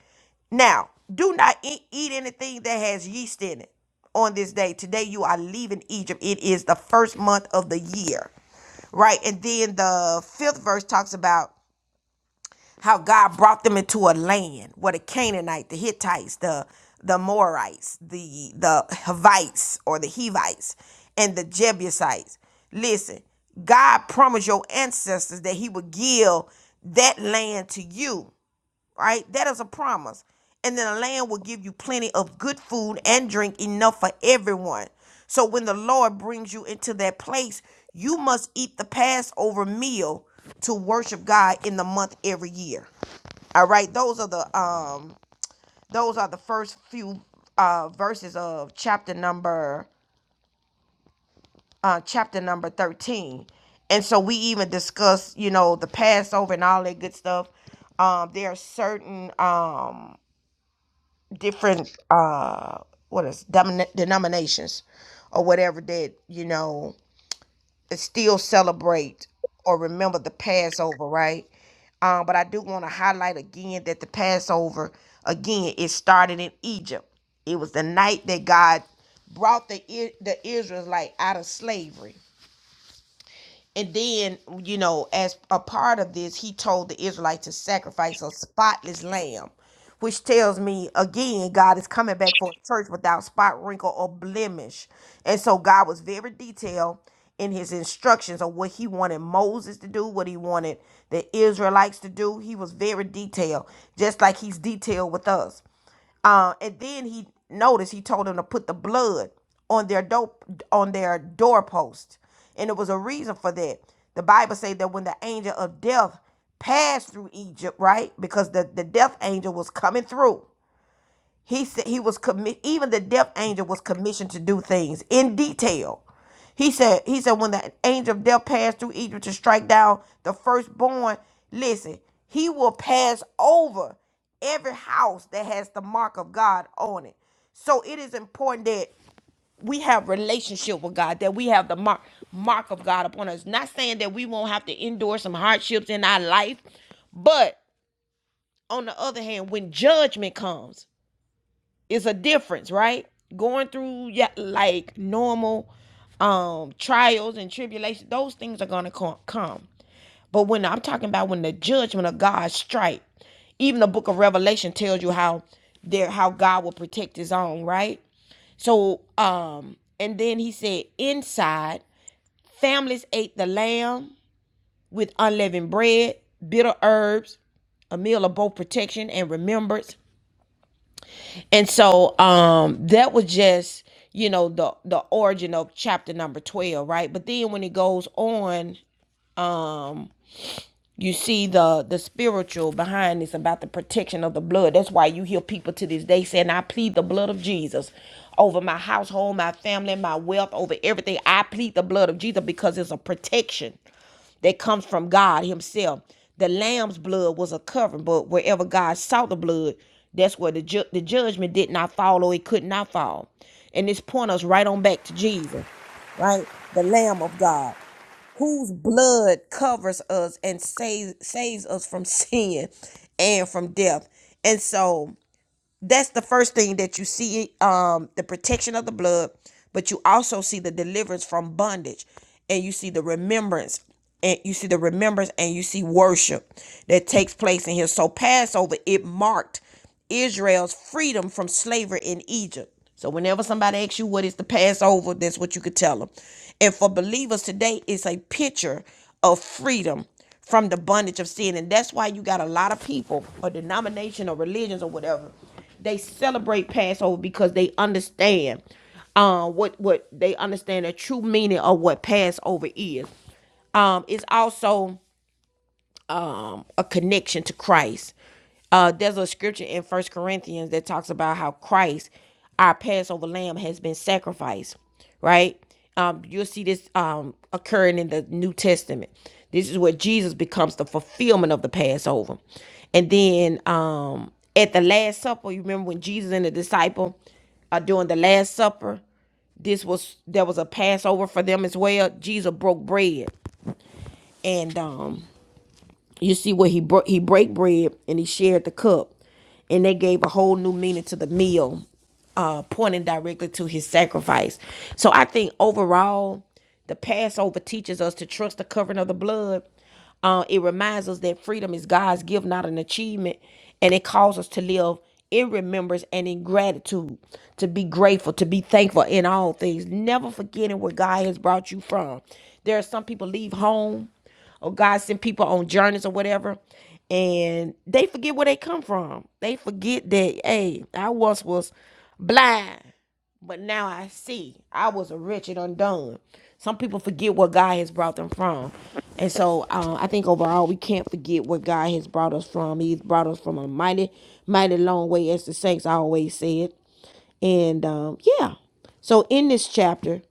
S1: now do not eat, eat anything that has yeast in it on this day. Today you are leaving Egypt. It is the first month of the year, right? And then the fifth verse talks about how God brought them into a land where the Canaanite, the Hittites, the the Amorites, the the Hivites or the Hivites, and the Jebusites. Listen, God promised your ancestors that He would give that land to you. Right, that is a promise. And then the land will give you plenty of good food and drink enough for everyone. So when the Lord brings you into that place, you must eat the Passover meal to worship God in the month every year. All right, those are the um those are the first few uh verses of chapter number uh chapter number 13. And so we even discuss, you know, the Passover and all that good stuff. Um there are certain um different uh what is denomina- denominations or whatever that, you know, still celebrate or remember the Passover, right? Um, but I do want to highlight again that the Passover, again, it started in Egypt. It was the night that God brought the I- the Israelites out of slavery. And then, you know, as a part of this, he told the Israelites to sacrifice a spotless lamb, which tells me again, God is coming back for a church without spot, wrinkle, or blemish. And so God was very detailed in his instructions of what he wanted Moses to do, what he wanted the Israelites to do. He was very detailed, just like he's detailed with us. Uh, and then he noticed he told them to put the blood on their dope on their doorpost, and it was a reason for that. The Bible said that when the angel of death passed through Egypt, right, because the the death angel was coming through. He said he was commi- even the death angel was commissioned to do things in detail he said, he said, when the angel of death passed through Egypt to strike down the firstborn, listen, he will pass over every house that has the mark of God on it. So it is important that we have relationship with God, that we have the mark mark of God upon us. Not saying that we won't have to endure some hardships in our life, but on the other hand, when judgment comes, it's a difference, right? Going through yeah, like normal um trials and tribulations, those things are gonna come. But when I'm talking about when the judgment of God strike, even the book of Revelation tells you how there how God will protect his own, right? So um and then he said inside families ate the lamb with unleavened bread, bitter herbs, a meal of both protection and remembrance. And so um that was just, you know, the the origin of chapter number 12, right? But then when it goes on, um you see the the spiritual behind this about the protection of the blood. That's why you hear people to this day saying, "I plead the blood of Jesus over my household, my family, my wealth, over everything. I plead the blood of Jesus because it's a protection." that comes from God Himself. The lamb's blood was a covering, but wherever God saw the blood, that's where the, ju- the judgment did not fall or it could not fall. And this point us right on back to Jesus, right? The Lamb of God, whose blood covers us and saves, saves us from sin and from death. And so that's the first thing that you see um the protection of the blood but you also see the deliverance from bondage and you see the remembrance and you see the remembrance and you see worship that takes place in here so passover it marked israel's freedom from slavery in egypt so whenever somebody asks you what is the passover that's what you could tell them and for believers today it's a picture of freedom from the bondage of sin. And that's why you got a lot of people or denomination or religions or whatever. They celebrate Passover because they understand uh, what what they understand the true meaning of what Passover is. Um, it's also a connection to Christ. Uh, there's a scripture in First Corinthians that talks about how Christ, our Passover lamb, has been sacrificed, right? Um, you'll see this um, occurring in the New Testament. This is where Jesus becomes the fulfillment of the Passover. And then um, at the Last Supper, you remember when Jesus and the disciple are doing the Last Supper? this was there was a Passover for them as well. Jesus broke bread and um you see where he broke he break bread and he shared the cup and they gave a whole new meaning to the meal uh pointing directly to his sacrifice so i think overall the passover teaches us to trust the covering of the blood uh, it reminds us that freedom is god's gift not an achievement and it calls us to live in remembrance and in gratitude to be grateful to be thankful in all things never forgetting where god has brought you from there are some people leave home or God send people on journeys or whatever, and they forget where they come from. They forget that, hey, I once was blind, but now I see. I was a wretched undone. Some people forget where God has brought them from. And so uh, I think overall, we can't forget what God has brought us from. He's brought us from a mighty, mighty long way, as the saints always said. And um, yeah, so in this chapter,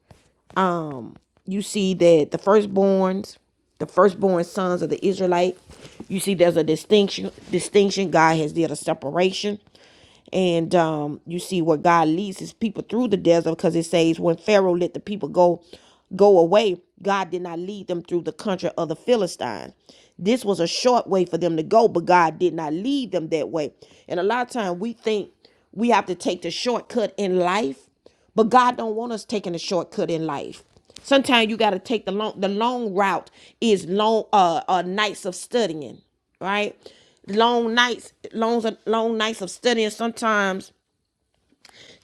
S1: um, you see that the firstborns, the firstborn sons of the Israelite, you see there's a distinction. Distinction. God has did a separation, and um, you see where God leads His people through the desert because it says when Pharaoh let the people go, go away, God did not lead them through the country of the Philistines. This was a short way for them to go, but God did not lead them that way. And a lot of times we think we have to take the shortcut in life but God don't want us taking a shortcut in life. Sometimes you got to take the long the long route is long uh, uh nights of studying, right? Long nights, long long nights of studying sometimes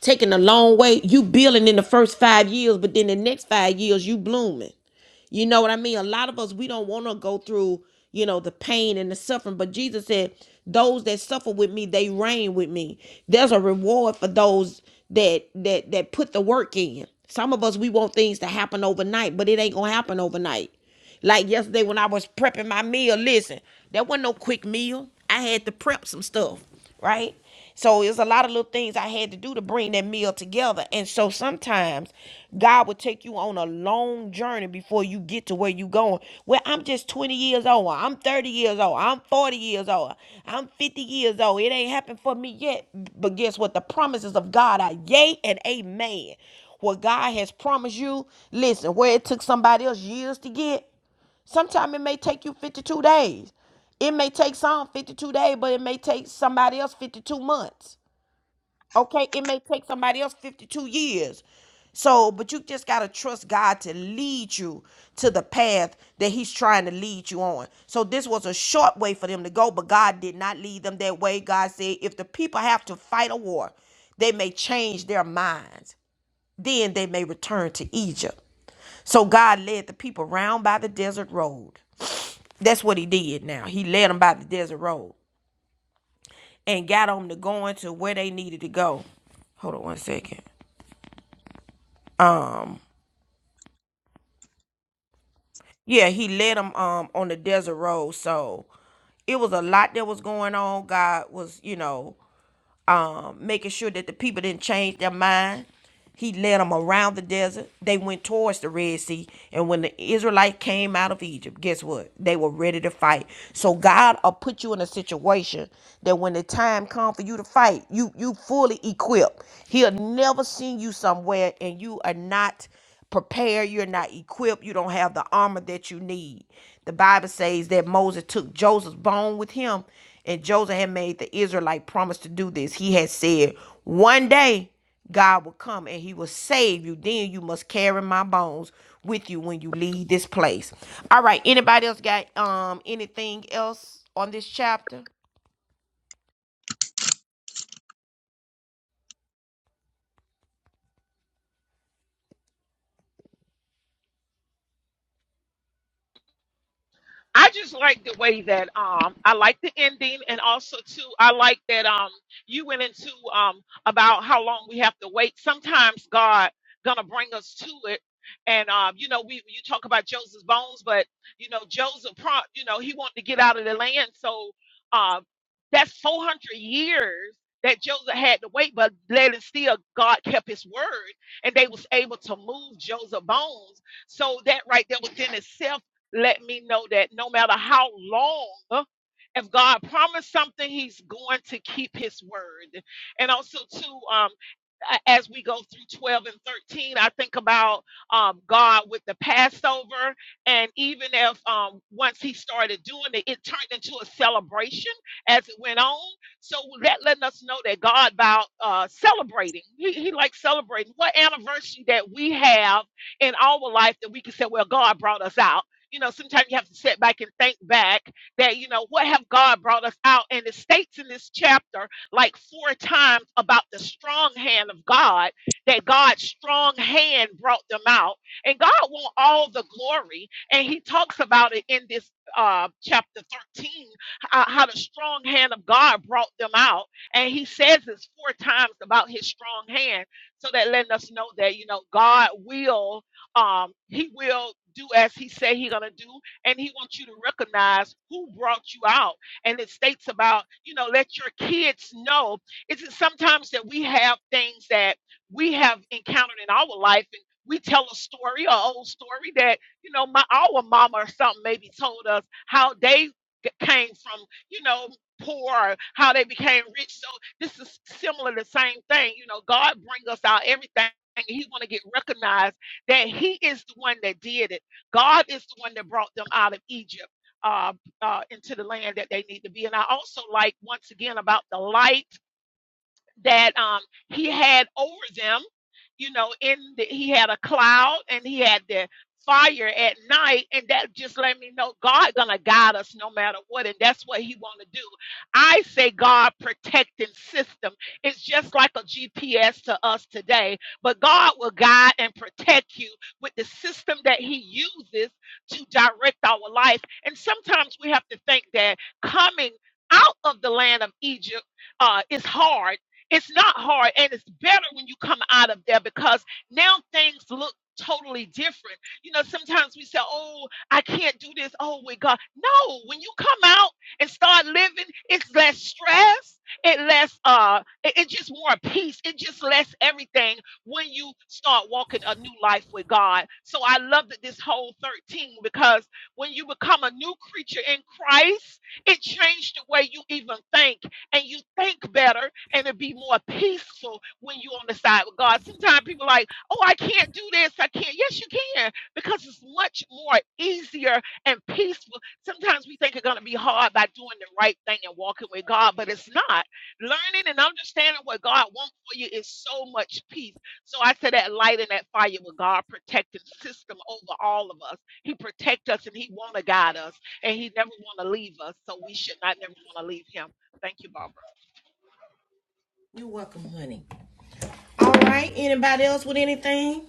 S1: taking a long way. You building in the first five years, but then the next five years you blooming. You know what I mean? A lot of us we don't want to go through, you know, the pain and the suffering. But Jesus said, "Those that suffer with me, they reign with me." There's a reward for those that that that put the work in. Some of us we want things to happen overnight, but it ain't gonna happen overnight. Like yesterday when I was prepping my meal, listen, that wasn't no quick meal. I had to prep some stuff, right? So it was a lot of little things I had to do to bring that meal together. And so sometimes God will take you on a long journey before you get to where you going. Well, I'm just 20 years old. I'm 30 years old. I'm 40 years old. I'm 50 years old. It ain't happened for me yet. But guess what? The promises of God are yay and amen. What God has promised you, listen, where it took somebody else years to get, Sometimes it may take you 52 days. It may take some 52 days, but it may take somebody else 52 months. Okay? It may take somebody else 52 years. So, but you just got to trust God to lead you to the path that He's trying to lead you on. So, this was a short way for them to go, but God did not lead them that way. God said, if the people have to fight a war, they may change their minds. Then they may return to Egypt. So, God led the people round by the desert road. That's what he did now. He led them by the desert road and got them to going to where they needed to go. Hold on one second. Um, yeah, he led them um on the desert road. So it was a lot that was going on. God was, you know, um, making sure that the people didn't change their mind. He led them around the desert. They went towards the Red Sea. And when the Israelites came out of Egypt, guess what? They were ready to fight. So God will put you in a situation that when the time comes for you to fight, you you fully equipped. He'll never send you somewhere and you are not prepared, you're not equipped, you don't have the armor that you need. The Bible says that Moses took Joseph's bone with him, and Joseph had made the Israelite promise to do this. He had said, One day God will come and he will save you. Then you must carry my bones with you when you leave this place. All right, anybody else got um anything else on this chapter?
S7: I just like the way that um I like the ending and also too I like that um you went into um about how long we have to wait. Sometimes God gonna bring us to it. And um, you know, we you talk about Joseph's bones, but you know, Joseph prompt, you know, he wanted to get out of the land. So uh that's four hundred years that Joseph had to wait, but let it still God kept his word and they was able to move Joseph bones. So that right there within itself let me know that no matter how long, uh, if God promised something, He's going to keep His word. And also, too, um, a- as we go through 12 and 13 i think about um, god with the passover and even if um, once he started doing it it turned into a celebration as it went on so that letting us know that god about uh, celebrating he, he likes celebrating what anniversary that we have in our life that we can say well god brought us out you know, sometimes you have to sit back and think back that, you know, what have God brought us out? And it states in this chapter like four times about the strong hand of God, that God's strong hand brought them out. And God wants all the glory. And he talks about it in this uh, chapter 13, uh, how the strong hand of God brought them out. And he says this four times about his strong hand. So that letting us know that, you know, God will, um, he will do as he said He's gonna do. And he wants you to recognize who brought you out and it states about you know let your kids know it's that sometimes that we have things that we have encountered in our life and we tell a story an old story that you know my our mama or something maybe told us how they g- came from you know poor or how they became rich so this is similar the same thing you know god bring us out everything and he want to get recognized that he is the one that did it god is the one that brought them out of egypt Um, uh, into the land that they need to be. And I also like once again about the light that um, he had over them. You know, in the, he had a cloud and he had the fire at night, and that just let me know God gonna guide us no matter what, and that's what He want to do. I say God protecting system. It's just like a GPS to us today, but God will guide and protect you with the system that He uses to direct our life. And sometimes we have to think that coming out of the land of Egypt uh, is hard it's not hard, and it's better when you come out of there because now things look totally different. You know, sometimes we say, Oh, I can't do this. Oh, with God. No, when you come out and start living, it's less stress, it less uh it, it's just more peace, it just less everything when you start walking a new life with God. So I love that this whole 13 because when you become a new creature in Christ, it changed the way you even think and you think better and to be more peaceful when you're on the side with God. Sometimes people like, oh, I can't do this. I can't. Yes, you can, because it's much more easier and peaceful. Sometimes we think it's going to be hard by doing the right thing and walking with God, but it's not. Learning and understanding what God wants for you is so much peace. So I said that light and that fire with God protective system over all of us. He protect us and he want to guide us and he never want to leave us. So we should not never want to leave him. Thank you, Barbara.
S1: You're welcome, honey. All right. Anybody else with anything?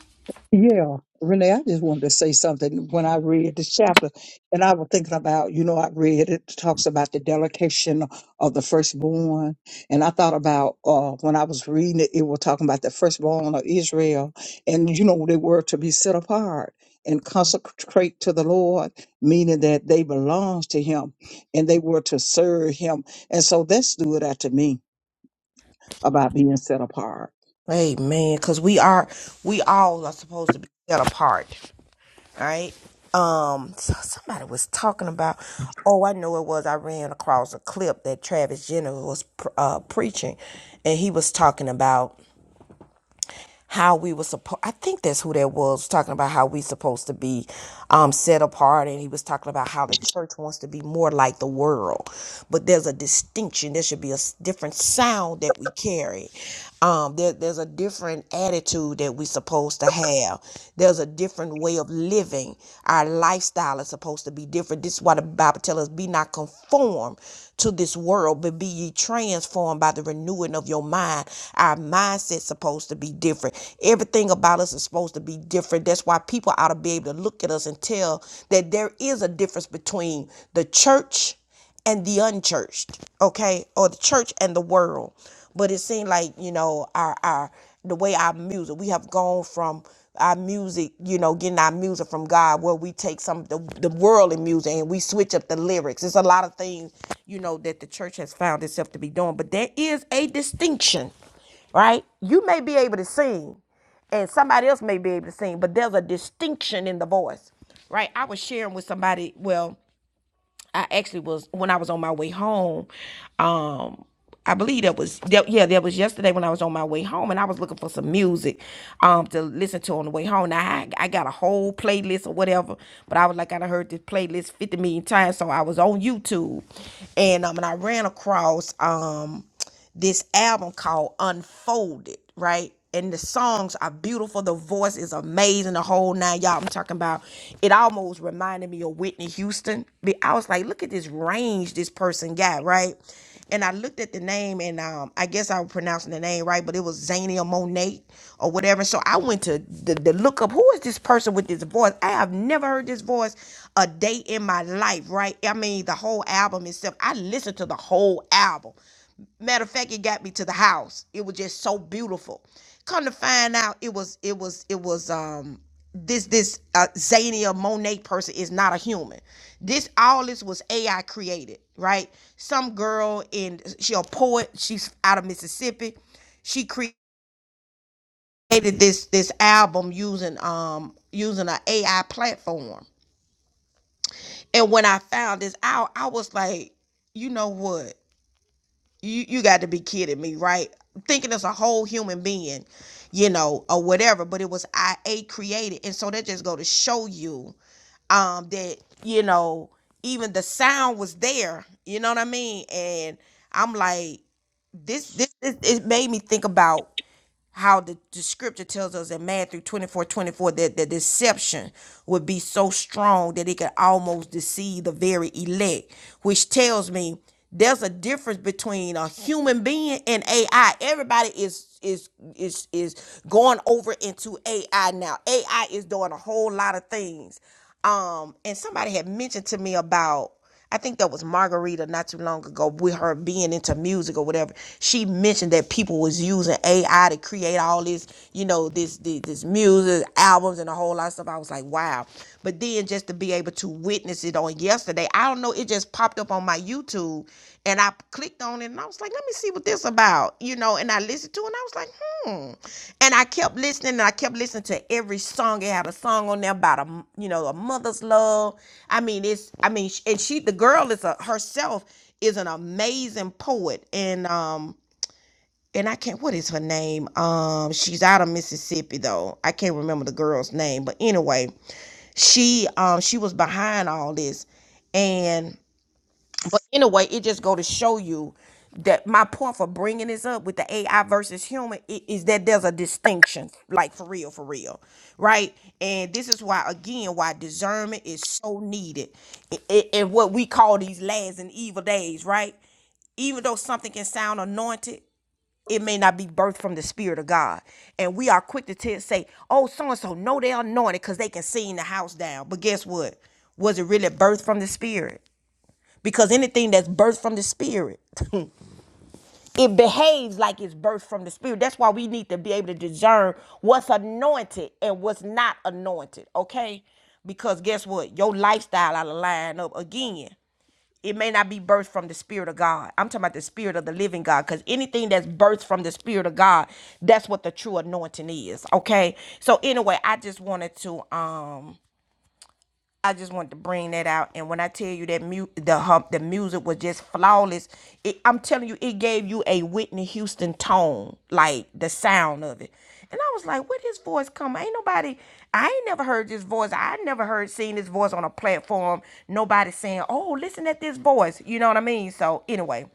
S6: Yeah, Renee, I just wanted to say something when I read this chapter, and I was thinking about, you know, I read it talks about the delegation of the firstborn, and I thought about uh, when I was reading it, it was talking about the firstborn of Israel, and you know, they were to be set apart and consecrate to the Lord, meaning that they belongs to Him, and they were to serve Him, and so that stood out to me about being set apart.
S1: Amen. Cause we are, we all are supposed to be set apart, right? Um, so somebody was talking about, oh, I know it was. I ran across a clip that Travis Jenner was pr- uh, preaching, and he was talking about how we were supposed i think that's who that was was talking about how we supposed to be um, set apart and he was talking about how the church wants to be more like the world but there's a distinction there should be a s- different sound that we carry um, there, there's a different attitude that we're supposed to have there's a different way of living our lifestyle is supposed to be different this is why the bible tells us be not conformed to this world but be ye transformed by the renewing of your mind our mindset it's supposed to be different. Everything about us is supposed to be different. That's why people ought to be able to look at us and tell that there is a difference between the church and the unchurched, okay, or the church and the world. But it seemed like you know our our the way our music we have gone from our music, you know, getting our music from God, where we take some of the the worldly music and we switch up the lyrics. It's a lot of things, you know, that the church has found itself to be doing. But there is a distinction right? You may be able to sing, and somebody else may be able to sing, but there's a distinction in the voice, right? I was sharing with somebody. Well, I actually was when I was on my way home. Um, I believe that was that, yeah, that was yesterday when I was on my way home, and I was looking for some music, um, to listen to on the way home. Now I, I got a whole playlist or whatever, but I was like I done heard this playlist fifty million times, so I was on YouTube, and um, and I ran across um this album called Unfolded, right? And the songs are beautiful. The voice is amazing. The whole nine, y'all. I'm talking about. It almost reminded me of Whitney Houston. But I was like, look at this range this person got, right? And I looked at the name, and um, I guess I was pronouncing the name right, but it was Zania Monet or whatever. So I went to the, the look up. Who is this person with this voice? I have never heard this voice a day in my life, right? I mean, the whole album itself. I listened to the whole album Matter of fact, it got me to the house. It was just so beautiful. Come to find out, it was it was it was um this this uh, Zania Monet person is not a human. This all this was AI created, right? Some girl in she a poet. She's out of Mississippi. She created this this album using um using an AI platform. And when I found this out, I was like, you know what? you you got to be kidding me, right? Thinking as a whole human being, you know, or whatever. But it was I a created, and so that just go to show you um that you know even the sound was there. You know what I mean? And I'm like this this, this it made me think about how the, the scripture tells us in Matthew 24 24 that the deception would be so strong that it could almost deceive the very elect, which tells me there's a difference between a human being and AI. Everybody is is is is going over into AI now. AI is doing a whole lot of things. Um, and somebody had mentioned to me about I think that was Margarita not too long ago with her being into music or whatever. She mentioned that people was using AI to create all this, you know, this this, this music, albums and a whole lot of stuff. I was like, wow. But then just to be able to witness it on yesterday, I don't know, it just popped up on my YouTube and I clicked on it and I was like, let me see what this about, you know. And I listened to it and I was like, hmm. And I kept listening and I kept listening to every song. It had a song on there about a, you know, a mother's love. I mean, it's, I mean, sh- and she, the girl is a herself is an amazing poet and um and I can't what is her name? Um she's out of Mississippi though. I can't remember the girl's name, but anyway, she um she was behind all this. and. But anyway, it just go to show you that my point for bringing this up with the AI versus human i- is that there's a distinction, like for real, for real, right? And this is why, again, why discernment is so needed i- i- in what we call these last and evil days, right? Even though something can sound anointed, it may not be birthed from the Spirit of God. And we are quick to tell, say, oh, so and so, no, they're anointed because they can sing the house down. But guess what? Was it really birthed from the Spirit? because anything that's birthed from the spirit it behaves like it's birthed from the spirit that's why we need to be able to discern what's anointed and what's not anointed okay because guess what your lifestyle out of line up again it may not be birthed from the spirit of god i'm talking about the spirit of the living god because anything that's birthed from the spirit of god that's what the true anointing is okay so anyway i just wanted to um I just wanted to bring that out. And when I tell you that mu- the hump, the music was just flawless. It, I'm telling you, it gave you a Whitney Houston tone, like the sound of it. And I was like, where his voice come? Ain't nobody, I ain't never heard this voice. I never heard seen this voice on a platform. Nobody saying, oh, listen at this voice. You know what I mean? So anyway,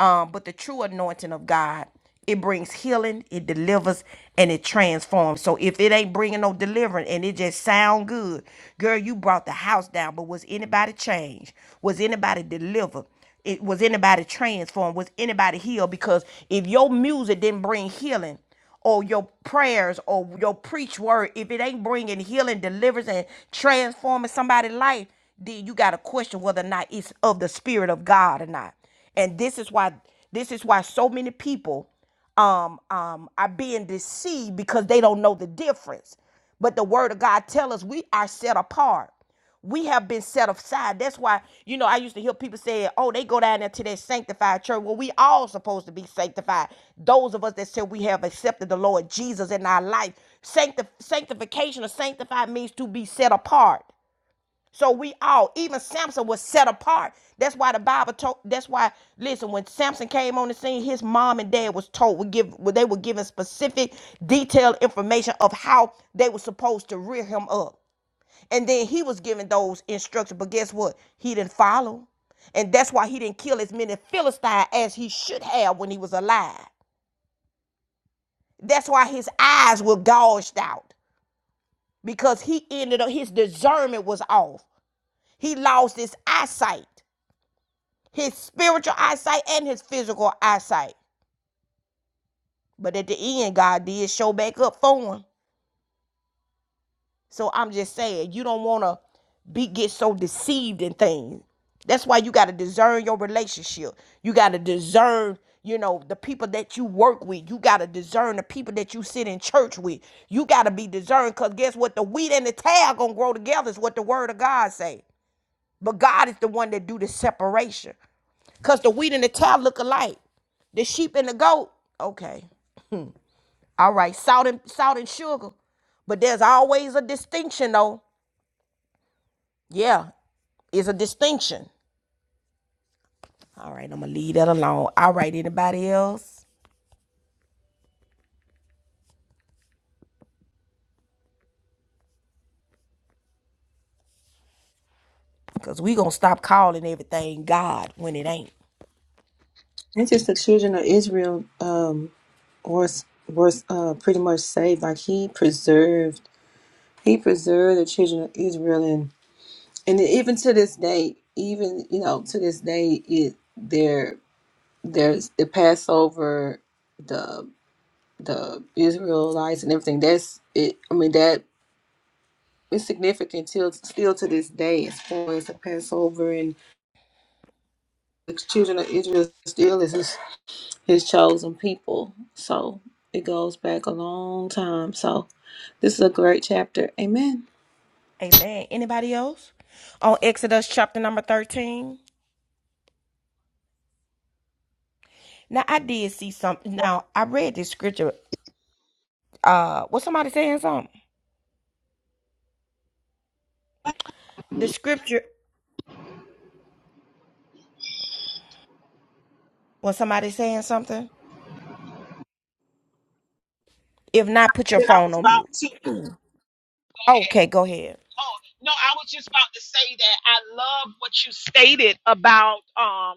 S1: um, but the true anointing of God, it brings healing, it delivers, and it transforms. So if it ain't bringing no deliverance and it just sound good, girl, you brought the house down. But was anybody changed? Was anybody delivered? It was anybody transformed? Was anybody healed? Because if your music didn't bring healing, or your prayers or your preach word, if it ain't bringing healing, deliverance, and transforming somebody's life, then you got to question whether or not it's of the Spirit of God or not. And this is why this is why so many people um, um, are being deceived because they don't know the difference. But the Word of God tells us we are set apart. We have been set aside. That's why, you know, I used to hear people say, oh, they go down there to that sanctified church. Well, we all supposed to be sanctified. Those of us that said we have accepted the Lord Jesus in our life. Sancti- sanctification or sanctified means to be set apart. So we all, even Samson was set apart. That's why the Bible told. That's why, listen, when Samson came on the scene, his mom and dad was told would give. well, They were given specific, detailed information of how they were supposed to rear him up. And then he was giving those instructions. But guess what? He didn't follow. And that's why he didn't kill as many Philistines as he should have when he was alive. That's why his eyes were gouged out because he ended up, his discernment was off. He lost his eyesight, his spiritual eyesight and his physical eyesight. But at the end, God did show back up for him. So I'm just saying, you don't want to be get so deceived in things. That's why you got to discern your relationship. You got to discern, you know, the people that you work with. You got to discern the people that you sit in church with. You got to be discerned because guess what? The wheat and the tag going to grow together is what the word of God say. But God is the one that do the separation. Because the wheat and the tag look alike. The sheep and the goat. Okay. All right. Salt and, salt and sugar. But there's always a distinction though Yeah, it's a distinction. All right, I'm gonna leave that alone. All right, anybody else? Because we gonna stop calling everything God when it ain't.
S4: And just the children of Israel um, was was uh, pretty much saved. Like he preserved, he preserved the children of Israel, and and even to this day, even you know to this day, it their there's the Passover, the the Israelites and everything. That's it. I mean that is significant till still to this day as far as the Passover and. the children of Israel still is his, his chosen people. So it goes back a long time. So this is a great chapter. Amen.
S1: Amen. Anybody else? On Exodus chapter number 13. Now I did see something. Now I read this scripture. Uh was somebody saying something? The scripture was somebody saying something? If not, put your
S7: And I
S1: phone
S7: was
S1: on
S7: about
S1: mute.
S7: to.
S1: Okay, go ahead.
S7: Oh no, I was just about to say that I love what you stated about um,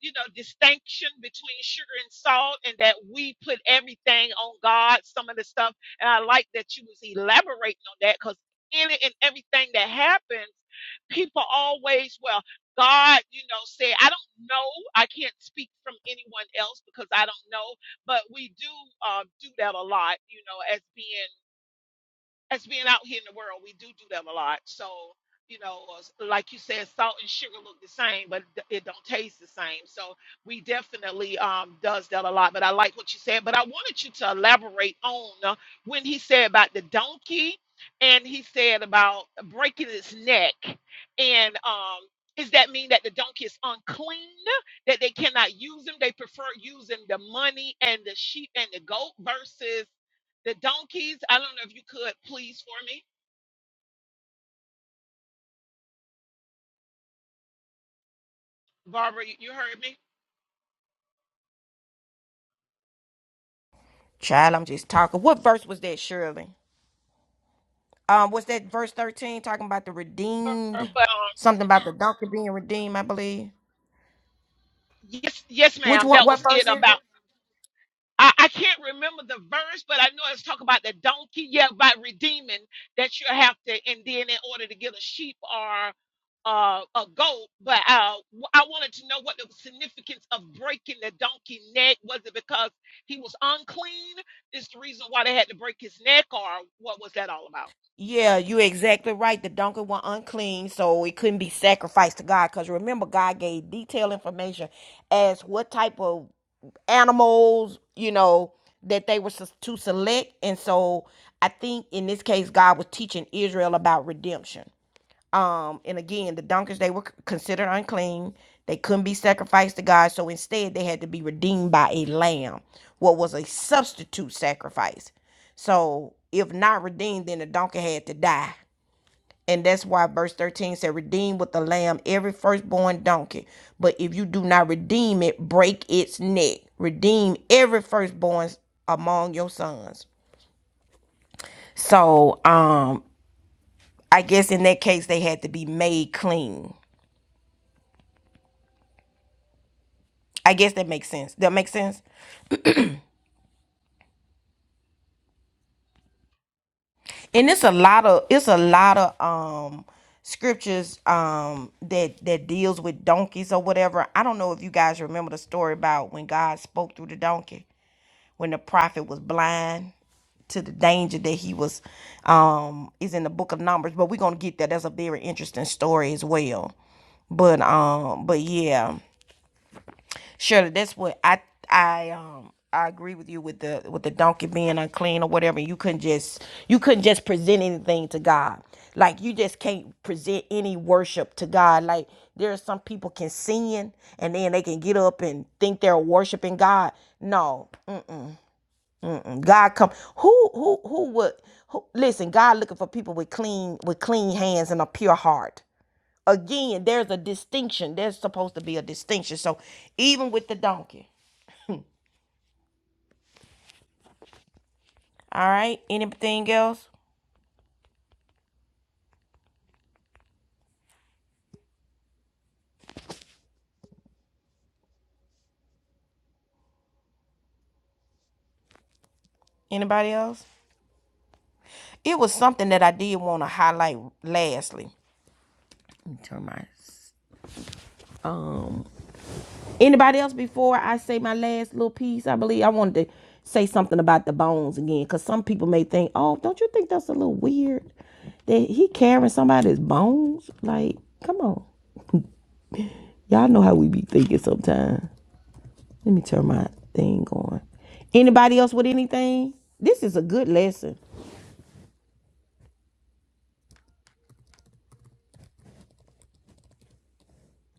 S7: you know, distinction between sugar and salt, and that we put everything on God. Some of the stuff, and I like that you was elaborating on that because in it and everything that happens, people always well. God, you know, said, I don't know. I can't speak from anyone else because I don't know. But we do uh, do that a lot, you know, as being as being out here in the world, we do do them a lot. So, you know, s- like you said, salt and sugar look the same, but d- it don't taste the same. So we definitely um does that a lot. But I like what you said. But I wanted you to elaborate on uh, when he said about the donkey, and he said about breaking its neck, and um. Does that mean that the donkey is unclean? That they cannot use them? They prefer using the money and the sheep and the goat versus the donkeys, I don't know if you could please for me. Barbara, you you heard me?
S1: Child, I'm just talking. What verse was that, Shirley? Um, what's that verse 13 talking about the
S7: Barbara,
S1: redeemed?
S7: but um,
S1: Something about the donkey being redeemed, I believe.
S7: yes, yes,
S1: Which
S7: ma'am.
S1: one
S7: That
S1: what
S7: was
S1: verse
S7: it
S1: is it?
S7: about. I, I can't remember the verse, but I know it's talking about the donkey. Yeah, by redeeming that you have to, and then in order to get a sheep or uh, a goat. But uh, w- I wanted to know what the significance of breaking the donkey neck was. It because he was unclean? Is the reason why they had to break his neck, or what was that all about?
S1: Yeah, you exactly right. The donkey was unclean, so it couldn't be sacrificed to God. Because remember, God gave detailed information as what type of animals, you know, that they were sus- to select. And so I think in this case, God was teaching Israel about redemption. Um, and again, the donkeys they were considered unclean. They couldn't be sacrificed to God, so instead they had to be redeemed by a lamb, what was a substitute sacrifice. So if not redeemed, then the donkey had to die. And that's why verse 13 said, Redeem with the lamb every firstborn donkey. But if you do not redeem it, break its neck. Redeem every firstborn among your sons. So um I guess in that case they had to be made clean I guess that makes sense. That makes sense. And it's a lot of it's a lot of um scriptures um that that deals with donkeys or whatever. I don't know if you guys remember the story about when God spoke through the donkey when the prophet was blind to the danger that he was um is in the book of numbers but we're gonna get there that's a very interesting story as well but um but yeah Surely that's what I I um I agree with you with the with the donkey being unclean or whatever. You couldn't just you couldn't just present anything to God. Like you just can't present any worship to God. Like there are some people can sing and then they can get up and think they're worshiping God. No, Mm-mm. God come. Who who who would who, listen? God looking for people with clean with clean hands and a pure heart again there's a distinction there's supposed to be a distinction so even with the donkey All right. Anything else? Anybody else? It was something that I did want to highlight lastly. Let me turn my um anybody else before I say my last little piece? I believe I wanted to say something about the bones again because some people may think, oh, don't you think that's a little weird that he carrying somebody's bones? Like, come on. Y'all know how we be thinking sometimes. Let me turn my thing on. Anybody else with anything? This is a good lesson.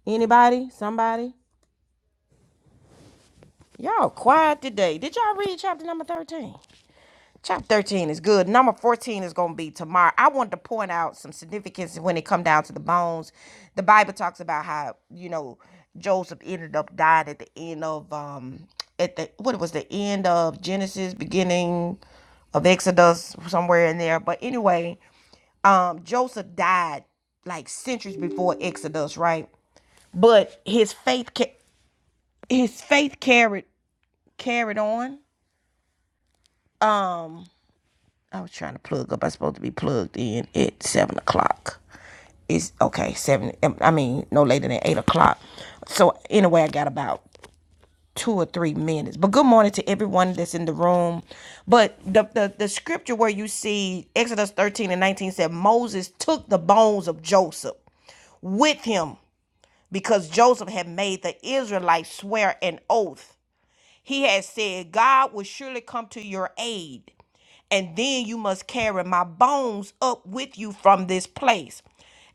S1: Anybody? Somebody? Y'all quiet today. Did y'all read chapter number 13? Chapter 13 is good. Number 14 is going to be tomorrow. I wanted to point out some significance when it come down to the bones. The Bible talks about how, you know, Joseph ended up dying at the end of um at the what it was the end of Genesis, beginning of Exodus, somewhere in there. But anyway, um Joseph died like centuries before Exodus, right? But his faith ca- his faith carried carried on. Um. I was trying to plug up. I was supposed to be plugged in at seven o'clock. It's okay, seven. I mean, no later than eight o'clock. So anyway, I got about two or three minutes. But good morning to everyone that's in the room. But the the, the scripture where you see Exodus thirteen and nineteen said Moses took the bones of Joseph with him because Joseph had made the Israelites swear an oath. He had said, God will surely come to your aid and then you must carry my bones up with you from this place.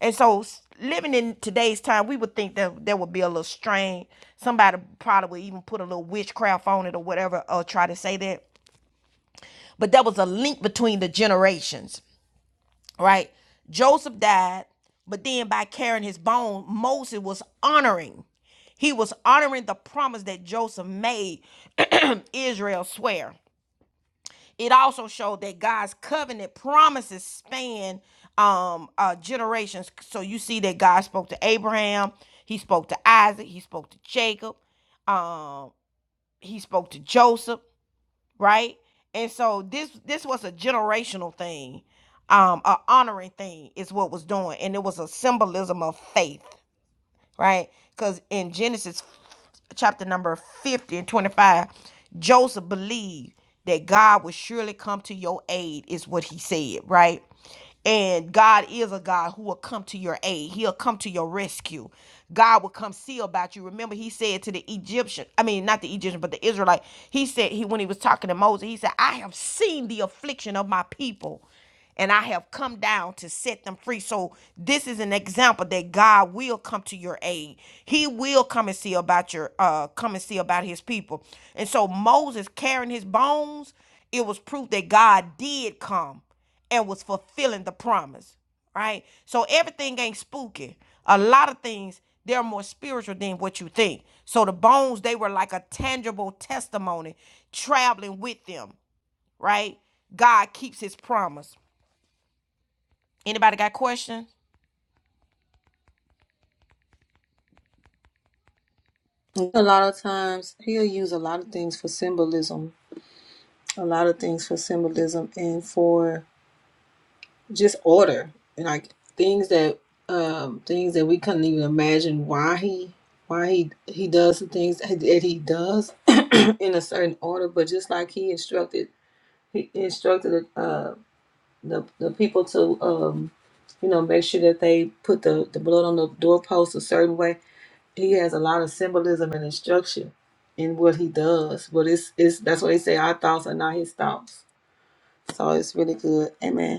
S1: And so, living in today's time, we would think that there would be a little strain. Somebody probably would even put a little witchcraft on it or whatever, or try to say that. But there was a link between the generations, right? Joseph died, but then by carrying his bone, Moses was honoring. He was honoring the promise that Joseph made Israel swear. it also showed that God's covenant promises span um, uh, generations. So you see that God spoke to Abraham, He spoke to Isaac, He spoke to Jacob, um, He spoke to Joseph, right? And so this this was a generational thing, um, a honoring thing is what was doing, and it was a symbolism of faith, right? Because in Genesis chapter number 50 and 25 joseph believed that god would surely come to your aid is what he said right and god is a god who will come to your aid he'll come to your rescue god will come see about you remember he said to the egyptian i mean not the egyptian but the israelite he said he when he was talking to moses he said i have seen the affliction of my people and I have come down to set them free. So this is an example that God will come to your aid. He will come and see about your uh come and see about his people. And so Moses carrying his bones, it was proof that God did come and was fulfilling the promise. Right? So everything ain't spooky. A lot of things they're more spiritual than what you think. So the bones, they were like a tangible testimony traveling with them, right? God keeps his promise. Anybody got questions?
S4: A lot of times he'll use a lot of things for symbolism, a lot of things for symbolism and for just order and like things that um things that we couldn't even imagine why he why he he does the things that he does in a certain order but just like he instructed he instructed uh the, the people to um you know make sure that they put the, the blood on the doorpost a certain way he has a lot of symbolism and instruction in what he does but it's it's that's why they say our thoughts are not his thoughts so it's really good amen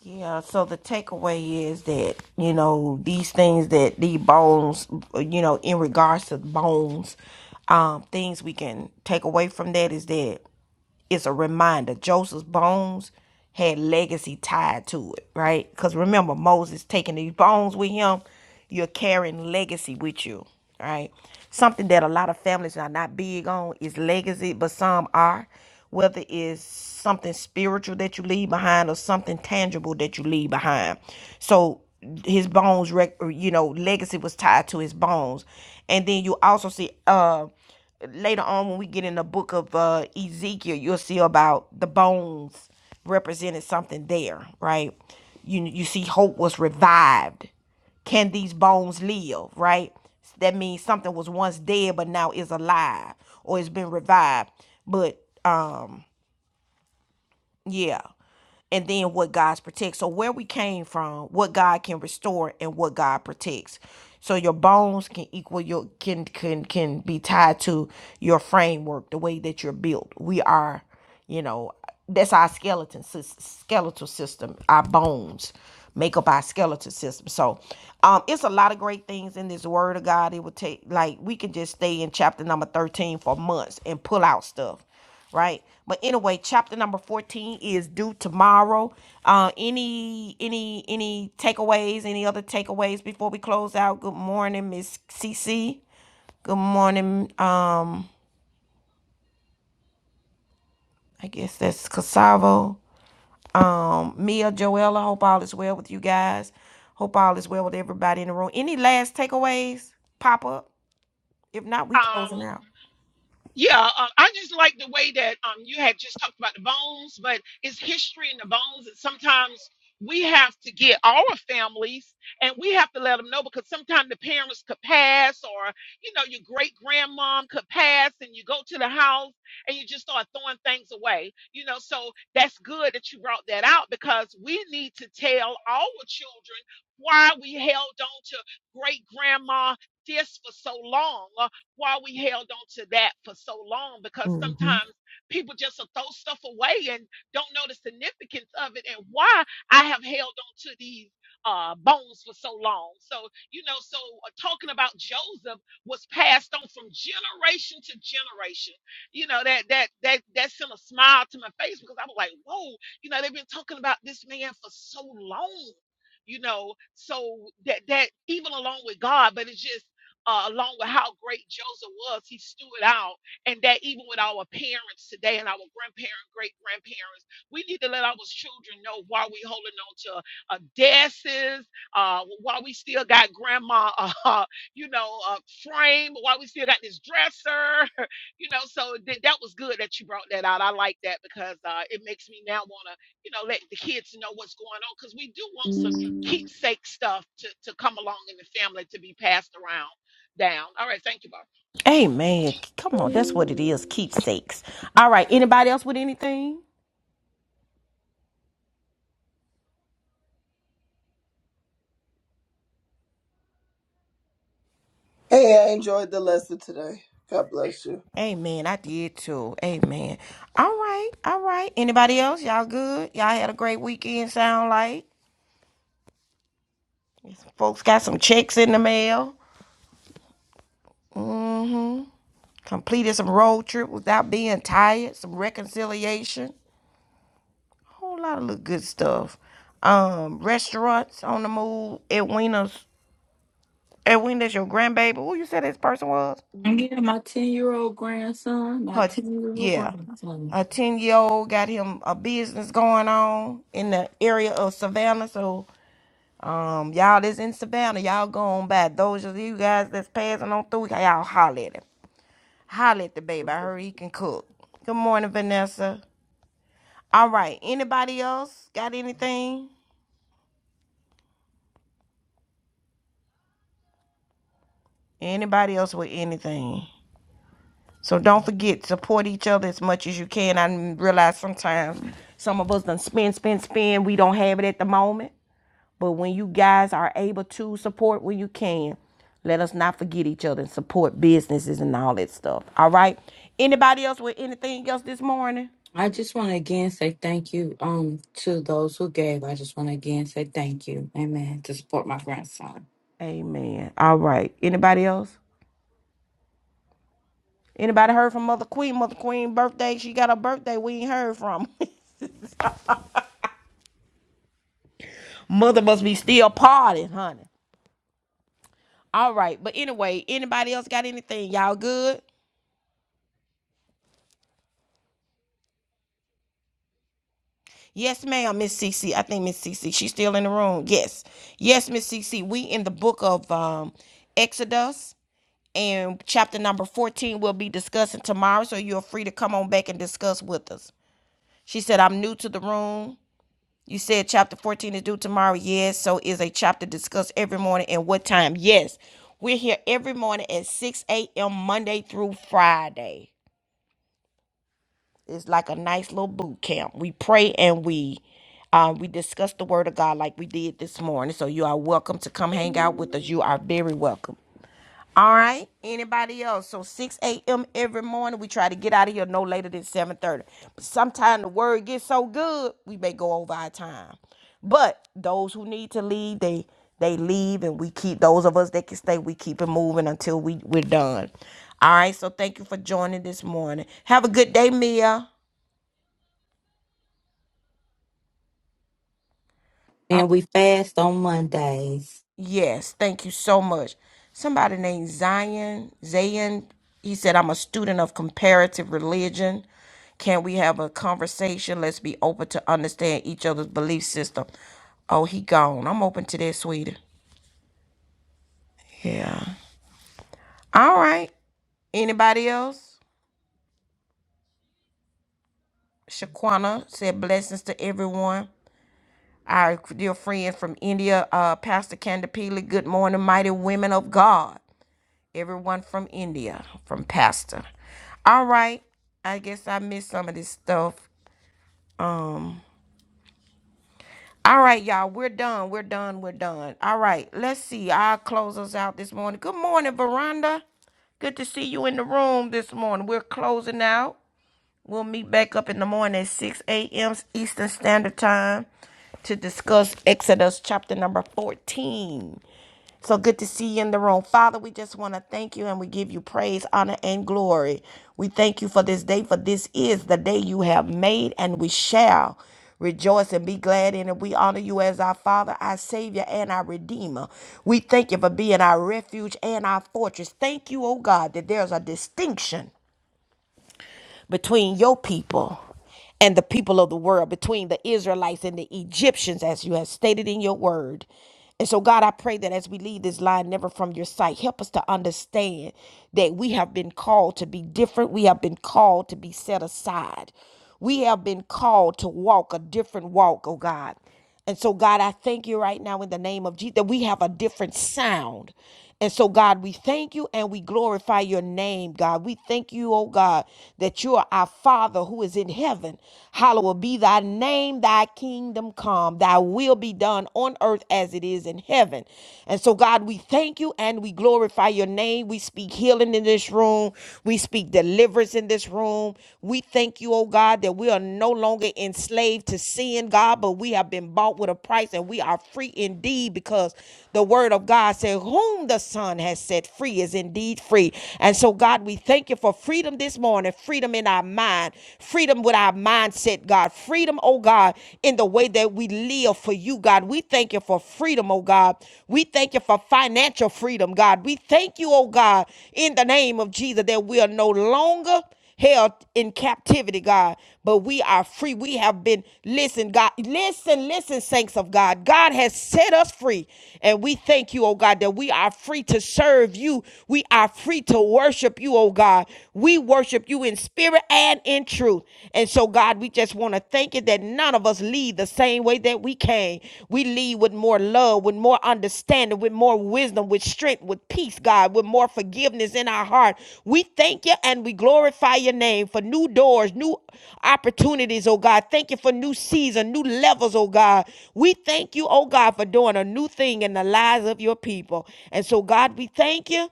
S1: Yeah, so the takeaway is that, you know, these things that the bones, you know, in regards to bones, um, things we can take away from that is that it's a reminder joseph's bones had legacy tied to it right because remember moses taking these bones with him you're carrying legacy with you right something that a lot of families are not big on is legacy but some are whether it's something spiritual that you leave behind or something tangible that you leave behind so his bones rec- or, you know legacy was tied to his bones and then you also see uh Later on, when we get in the book of uh, Ezekiel, you'll see about the bones represented something there, right? You you see, hope was revived. Can these bones live? Right? That means something was once dead but now is alive or it's been revived. But um. Yeah. and then what God's protects. So where we came from, what God can restore and what God protects. So your bones can equal your can can can be tied to your framework, the way that you're built. We are, you know, that's our skeleton sys- skeletal system. Our bones make up our skeletal system. So, um, it's a lot of great things in this Word of God. It would take like we could just stay in chapter number thirteen for months and pull out stuff right? But anyway, chapter number 14 is due tomorrow. Uh, any any any takeaways, any other takeaways before we close out? Good morning, Miss CC. Good morning, um, I guess that's Cassavo. Um, Mia Joella, hope all is well with you guys. Hope all is well with everybody in the room. Any last takeaways pop up? If not, we closing
S7: Um,
S1: out.
S7: Yeah, uh, I just like the way that um you had just talked about the bones, but it's history in the bones, and sometimes we have to get our families and we have to let them know because sometimes the parents could pass or you know your great grandmom could pass and you go to the house and you just start throwing things away you know so that's good that you brought that out because we need to tell our children why we held on to great grandma this for so long uh, why we held on to that for so long because sometimes people just will throw stuff away and don't know the significance of it and why I have held on to these uh, bones for so long. So, you know, so uh, talking about Joseph was passed on from generation to generation. You know, that, that, that, that sent a smile to my face because I was like, whoa, you know, they've been talking about this man for so long you know so that that even along with god but it's just uh, along with how great Joseph was, he stood out. And that even with our parents today and our grandparents, great grandparents, we need to let our children know why we holding on to uh, desses, uh, why we still got grandma, uh, you know, uh, frame, why we still got this dresser, you know. So th- that was good that you brought that out. I like that because uh, it makes me now want to, you know, let the kids know what's going on because we do want some keepsake stuff to, to come along in the family to be passed around down. All right, thank you, Bob.
S1: Amen. Come on, that's what it is. Keepsakes. All right. Anybody else with anything?
S5: Hey, I enjoyed the lesson today. God bless you.
S1: Amen. I did too. Amen. All right. All right. Anybody else? Y'all good? Y'all had a great weekend, sound like? Folks got some checks in the mail. Mm-hmm. Completed some road trip without being tired. Some reconciliation. Whole lot of little good stuff. Um, restaurants on the move. Edwina's Edwina's your grandbaby. Who you said this person was?
S2: And yeah, my 10 year old grandson, my
S1: Her
S2: 10 year old
S1: yeah.
S2: grandson.
S1: A ten year old got him a business going on in the area of Savannah. So Um, y'all that's in Savannah, y'all go on by those of you guys that's passing on through, y'all holler at him. Holler at the baby. I heard he can cook. Good morning, Vanessa. All right. Anybody else got anything? Anybody else with anything? So don't forget, support each other as much as you can. I realize sometimes some of us done spend, spend, spend. We don't have it at the moment. But when you guys are able to support when you can, let us not forget each other and support businesses and all that stuff. All right. Anybody else with anything else this morning?
S2: I just want to again say thank you um to those who gave. I just want to again say thank you. Amen. To support my grandson.
S1: Amen. All right. Anybody else? Anybody heard from Mother Queen? Mother Queen birthday. She got her birthday. We ain't heard from. Mother must be still partying, honey. All right. But anyway, anybody else got anything? Y'all good? Yes, ma'am, Miss Cece. I think Miss Cece. She's still in the room. Yes. Yes, Miss Cece. We in the book of um Exodus. and chapter number 14 we'll be discussing tomorrow so you're free to come on back and discuss with us she said i'm new to the room you said chapter 14 is due tomorrow yes so is a chapter discussed every morning and what time yes we're here every morning at 6 a.m monday through friday it's like a nice little boot camp we pray and we uh, we discuss the word of god like we did this morning so you are welcome to come hang out with us you are very welcome All right. Anybody else? So 6 a.m. every morning, we try to get out of here no later than 7:30. But sometimes the word gets so good, we may go over our time. But those who need to leave, they they leave, and we keep those of us that can stay. We keep it moving until we we're done. All right. So thank you for joining this morning. Have a good day, Mia.
S2: And we fast on Mondays.
S1: Yes, thank you so much. Somebody named Zion, Zayn, he said, I'm a student of comparative religion. Can we have a conversation? Let's be open to understand each other's belief system. Oh, he gone. I'm open to that, sweetie. Yeah. All right. Anybody else? Shaquana said, blessings to everyone. Our dear friend from India, uh, Pastor Kanda Pili, good morning, mighty women of God. Everyone from India, from Pastor. All right. I guess I missed some of this stuff. Um. All right, y'all. We're done. We're done. We're done. All right. Let's see. I'll close us out this morning. Good morning, Veranda. Good to see you in the room this morning. We're closing out. We'll meet back up in the morning at 6 a.m. Eastern Standard Time to discuss Exodus chapter number 14. So good to see you in the room. Father, we just want to thank you and we give you praise, honor, and glory. We thank you for this day, for this is the day you have made, and we shall rejoice and be glad in it. We honor you as our Father, our Savior, and our Redeemer. We thank you for being our refuge and our fortress. Thank you, oh God, that there's a distinction between your people and the people of the world, between the Israelites and the Egyptians, as you have stated in your word. And so, God, I pray that as we leave this line, never from your sight, help us to understand that we have been called to be different. We have been called to be set aside. We have been called to walk a different walk, oh God. And so, God, I thank you right now in the name of Jesus that we have a different sound. And so, God, we thank you and we glorify your name, God. We thank you, oh God, that you are our Father who is in heaven. Hallowed be thy name, thy kingdom come, thy will be done on earth as it is in heaven. And so, God, we thank you and we glorify your name. We speak healing in this room, we speak deliverance deliverance in this room. We thank you, oh God, that we are no longer enslaved to sin, God, but we have been bought with a price and we are free indeed because the word of God said, Whom the Son has set free is indeed free. And so, God, we thank you for freedom this morning, freedom in our mind, freedom with our mindset, God, freedom, oh God, in the way that we live for you, God. We thank you for freedom, oh God. We thank you for financial freedom, God. We thank you, oh God, in the name of Jesus, that we are no longer held in captivity, God, but we are free. We have been, listen, God, listen, listen, saints of God. God has set us free. And we thank you, oh God, that we are free to serve you. We are free to worship you, oh God. We worship you in spirit and in truth. And so, God, God, we just want to thank you that none of us leave the same way that we came. We leave with more love, with more understanding, with more wisdom, with strength, with peace, God, with more forgiveness in our heart. We thank you and we glorify your name for new doors, new opportunities, oh God. Thank you for new season, new levels, oh God. We thank you, oh God, for doing a new thing in the lives of your people. And so, God, we thank you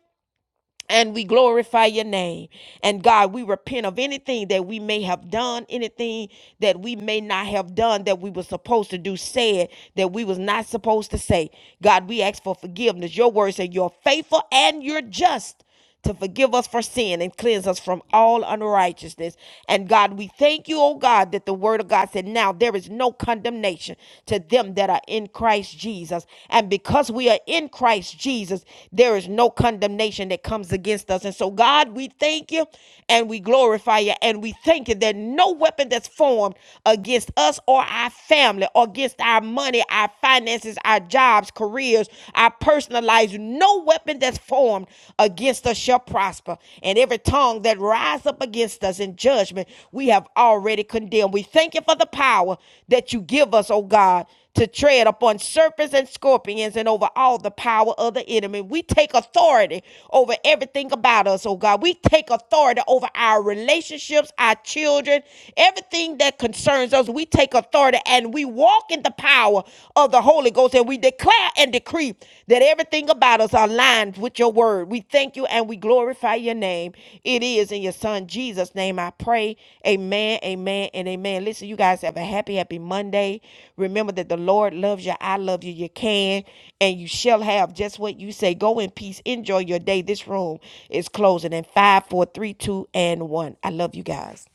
S1: and we glorify your name. And God, we repent of anything that we may have done, anything that we may not have done that we were supposed to do, said that we was not supposed to say. God, we ask for forgiveness. Your word said you're faithful and you're just to forgive us for sin and cleanse us from all unrighteousness. And God, we thank you, oh God, that the word of God said, Now there is no condemnation to them that are in Christ Jesus. And because we are in Christ Jesus, there is no condemnation that comes against us. And so, God, we thank you and we glorify you and we thank you that no weapon that's formed against us or our family or against our money, our finances, our jobs, careers, years, I personalize no weapon that's formed against us shall prosper. And every tongue that rise up against us in judgment, we have already condemned. We thank you for the power that you give us, oh God to tread upon serpents and scorpions and over all the power of the enemy. We take authority over everything about us, oh God. We take authority over our relationships, our children, everything that concerns us. We take authority and and we walk in the power of the Holy Ghost and we declare and decree that everything about us aligns with your word. We thank you and we glorify your name. It is in your son Jesus' name I pray. Amen, amen, and amen. Listen, you guys have a happy, happy Monday. Remember that the Lord loves you. I love you. You can and you shall have just what you say. Go in peace. Enjoy your day. This room is closing in five, four, three, two, and one. I love you guys.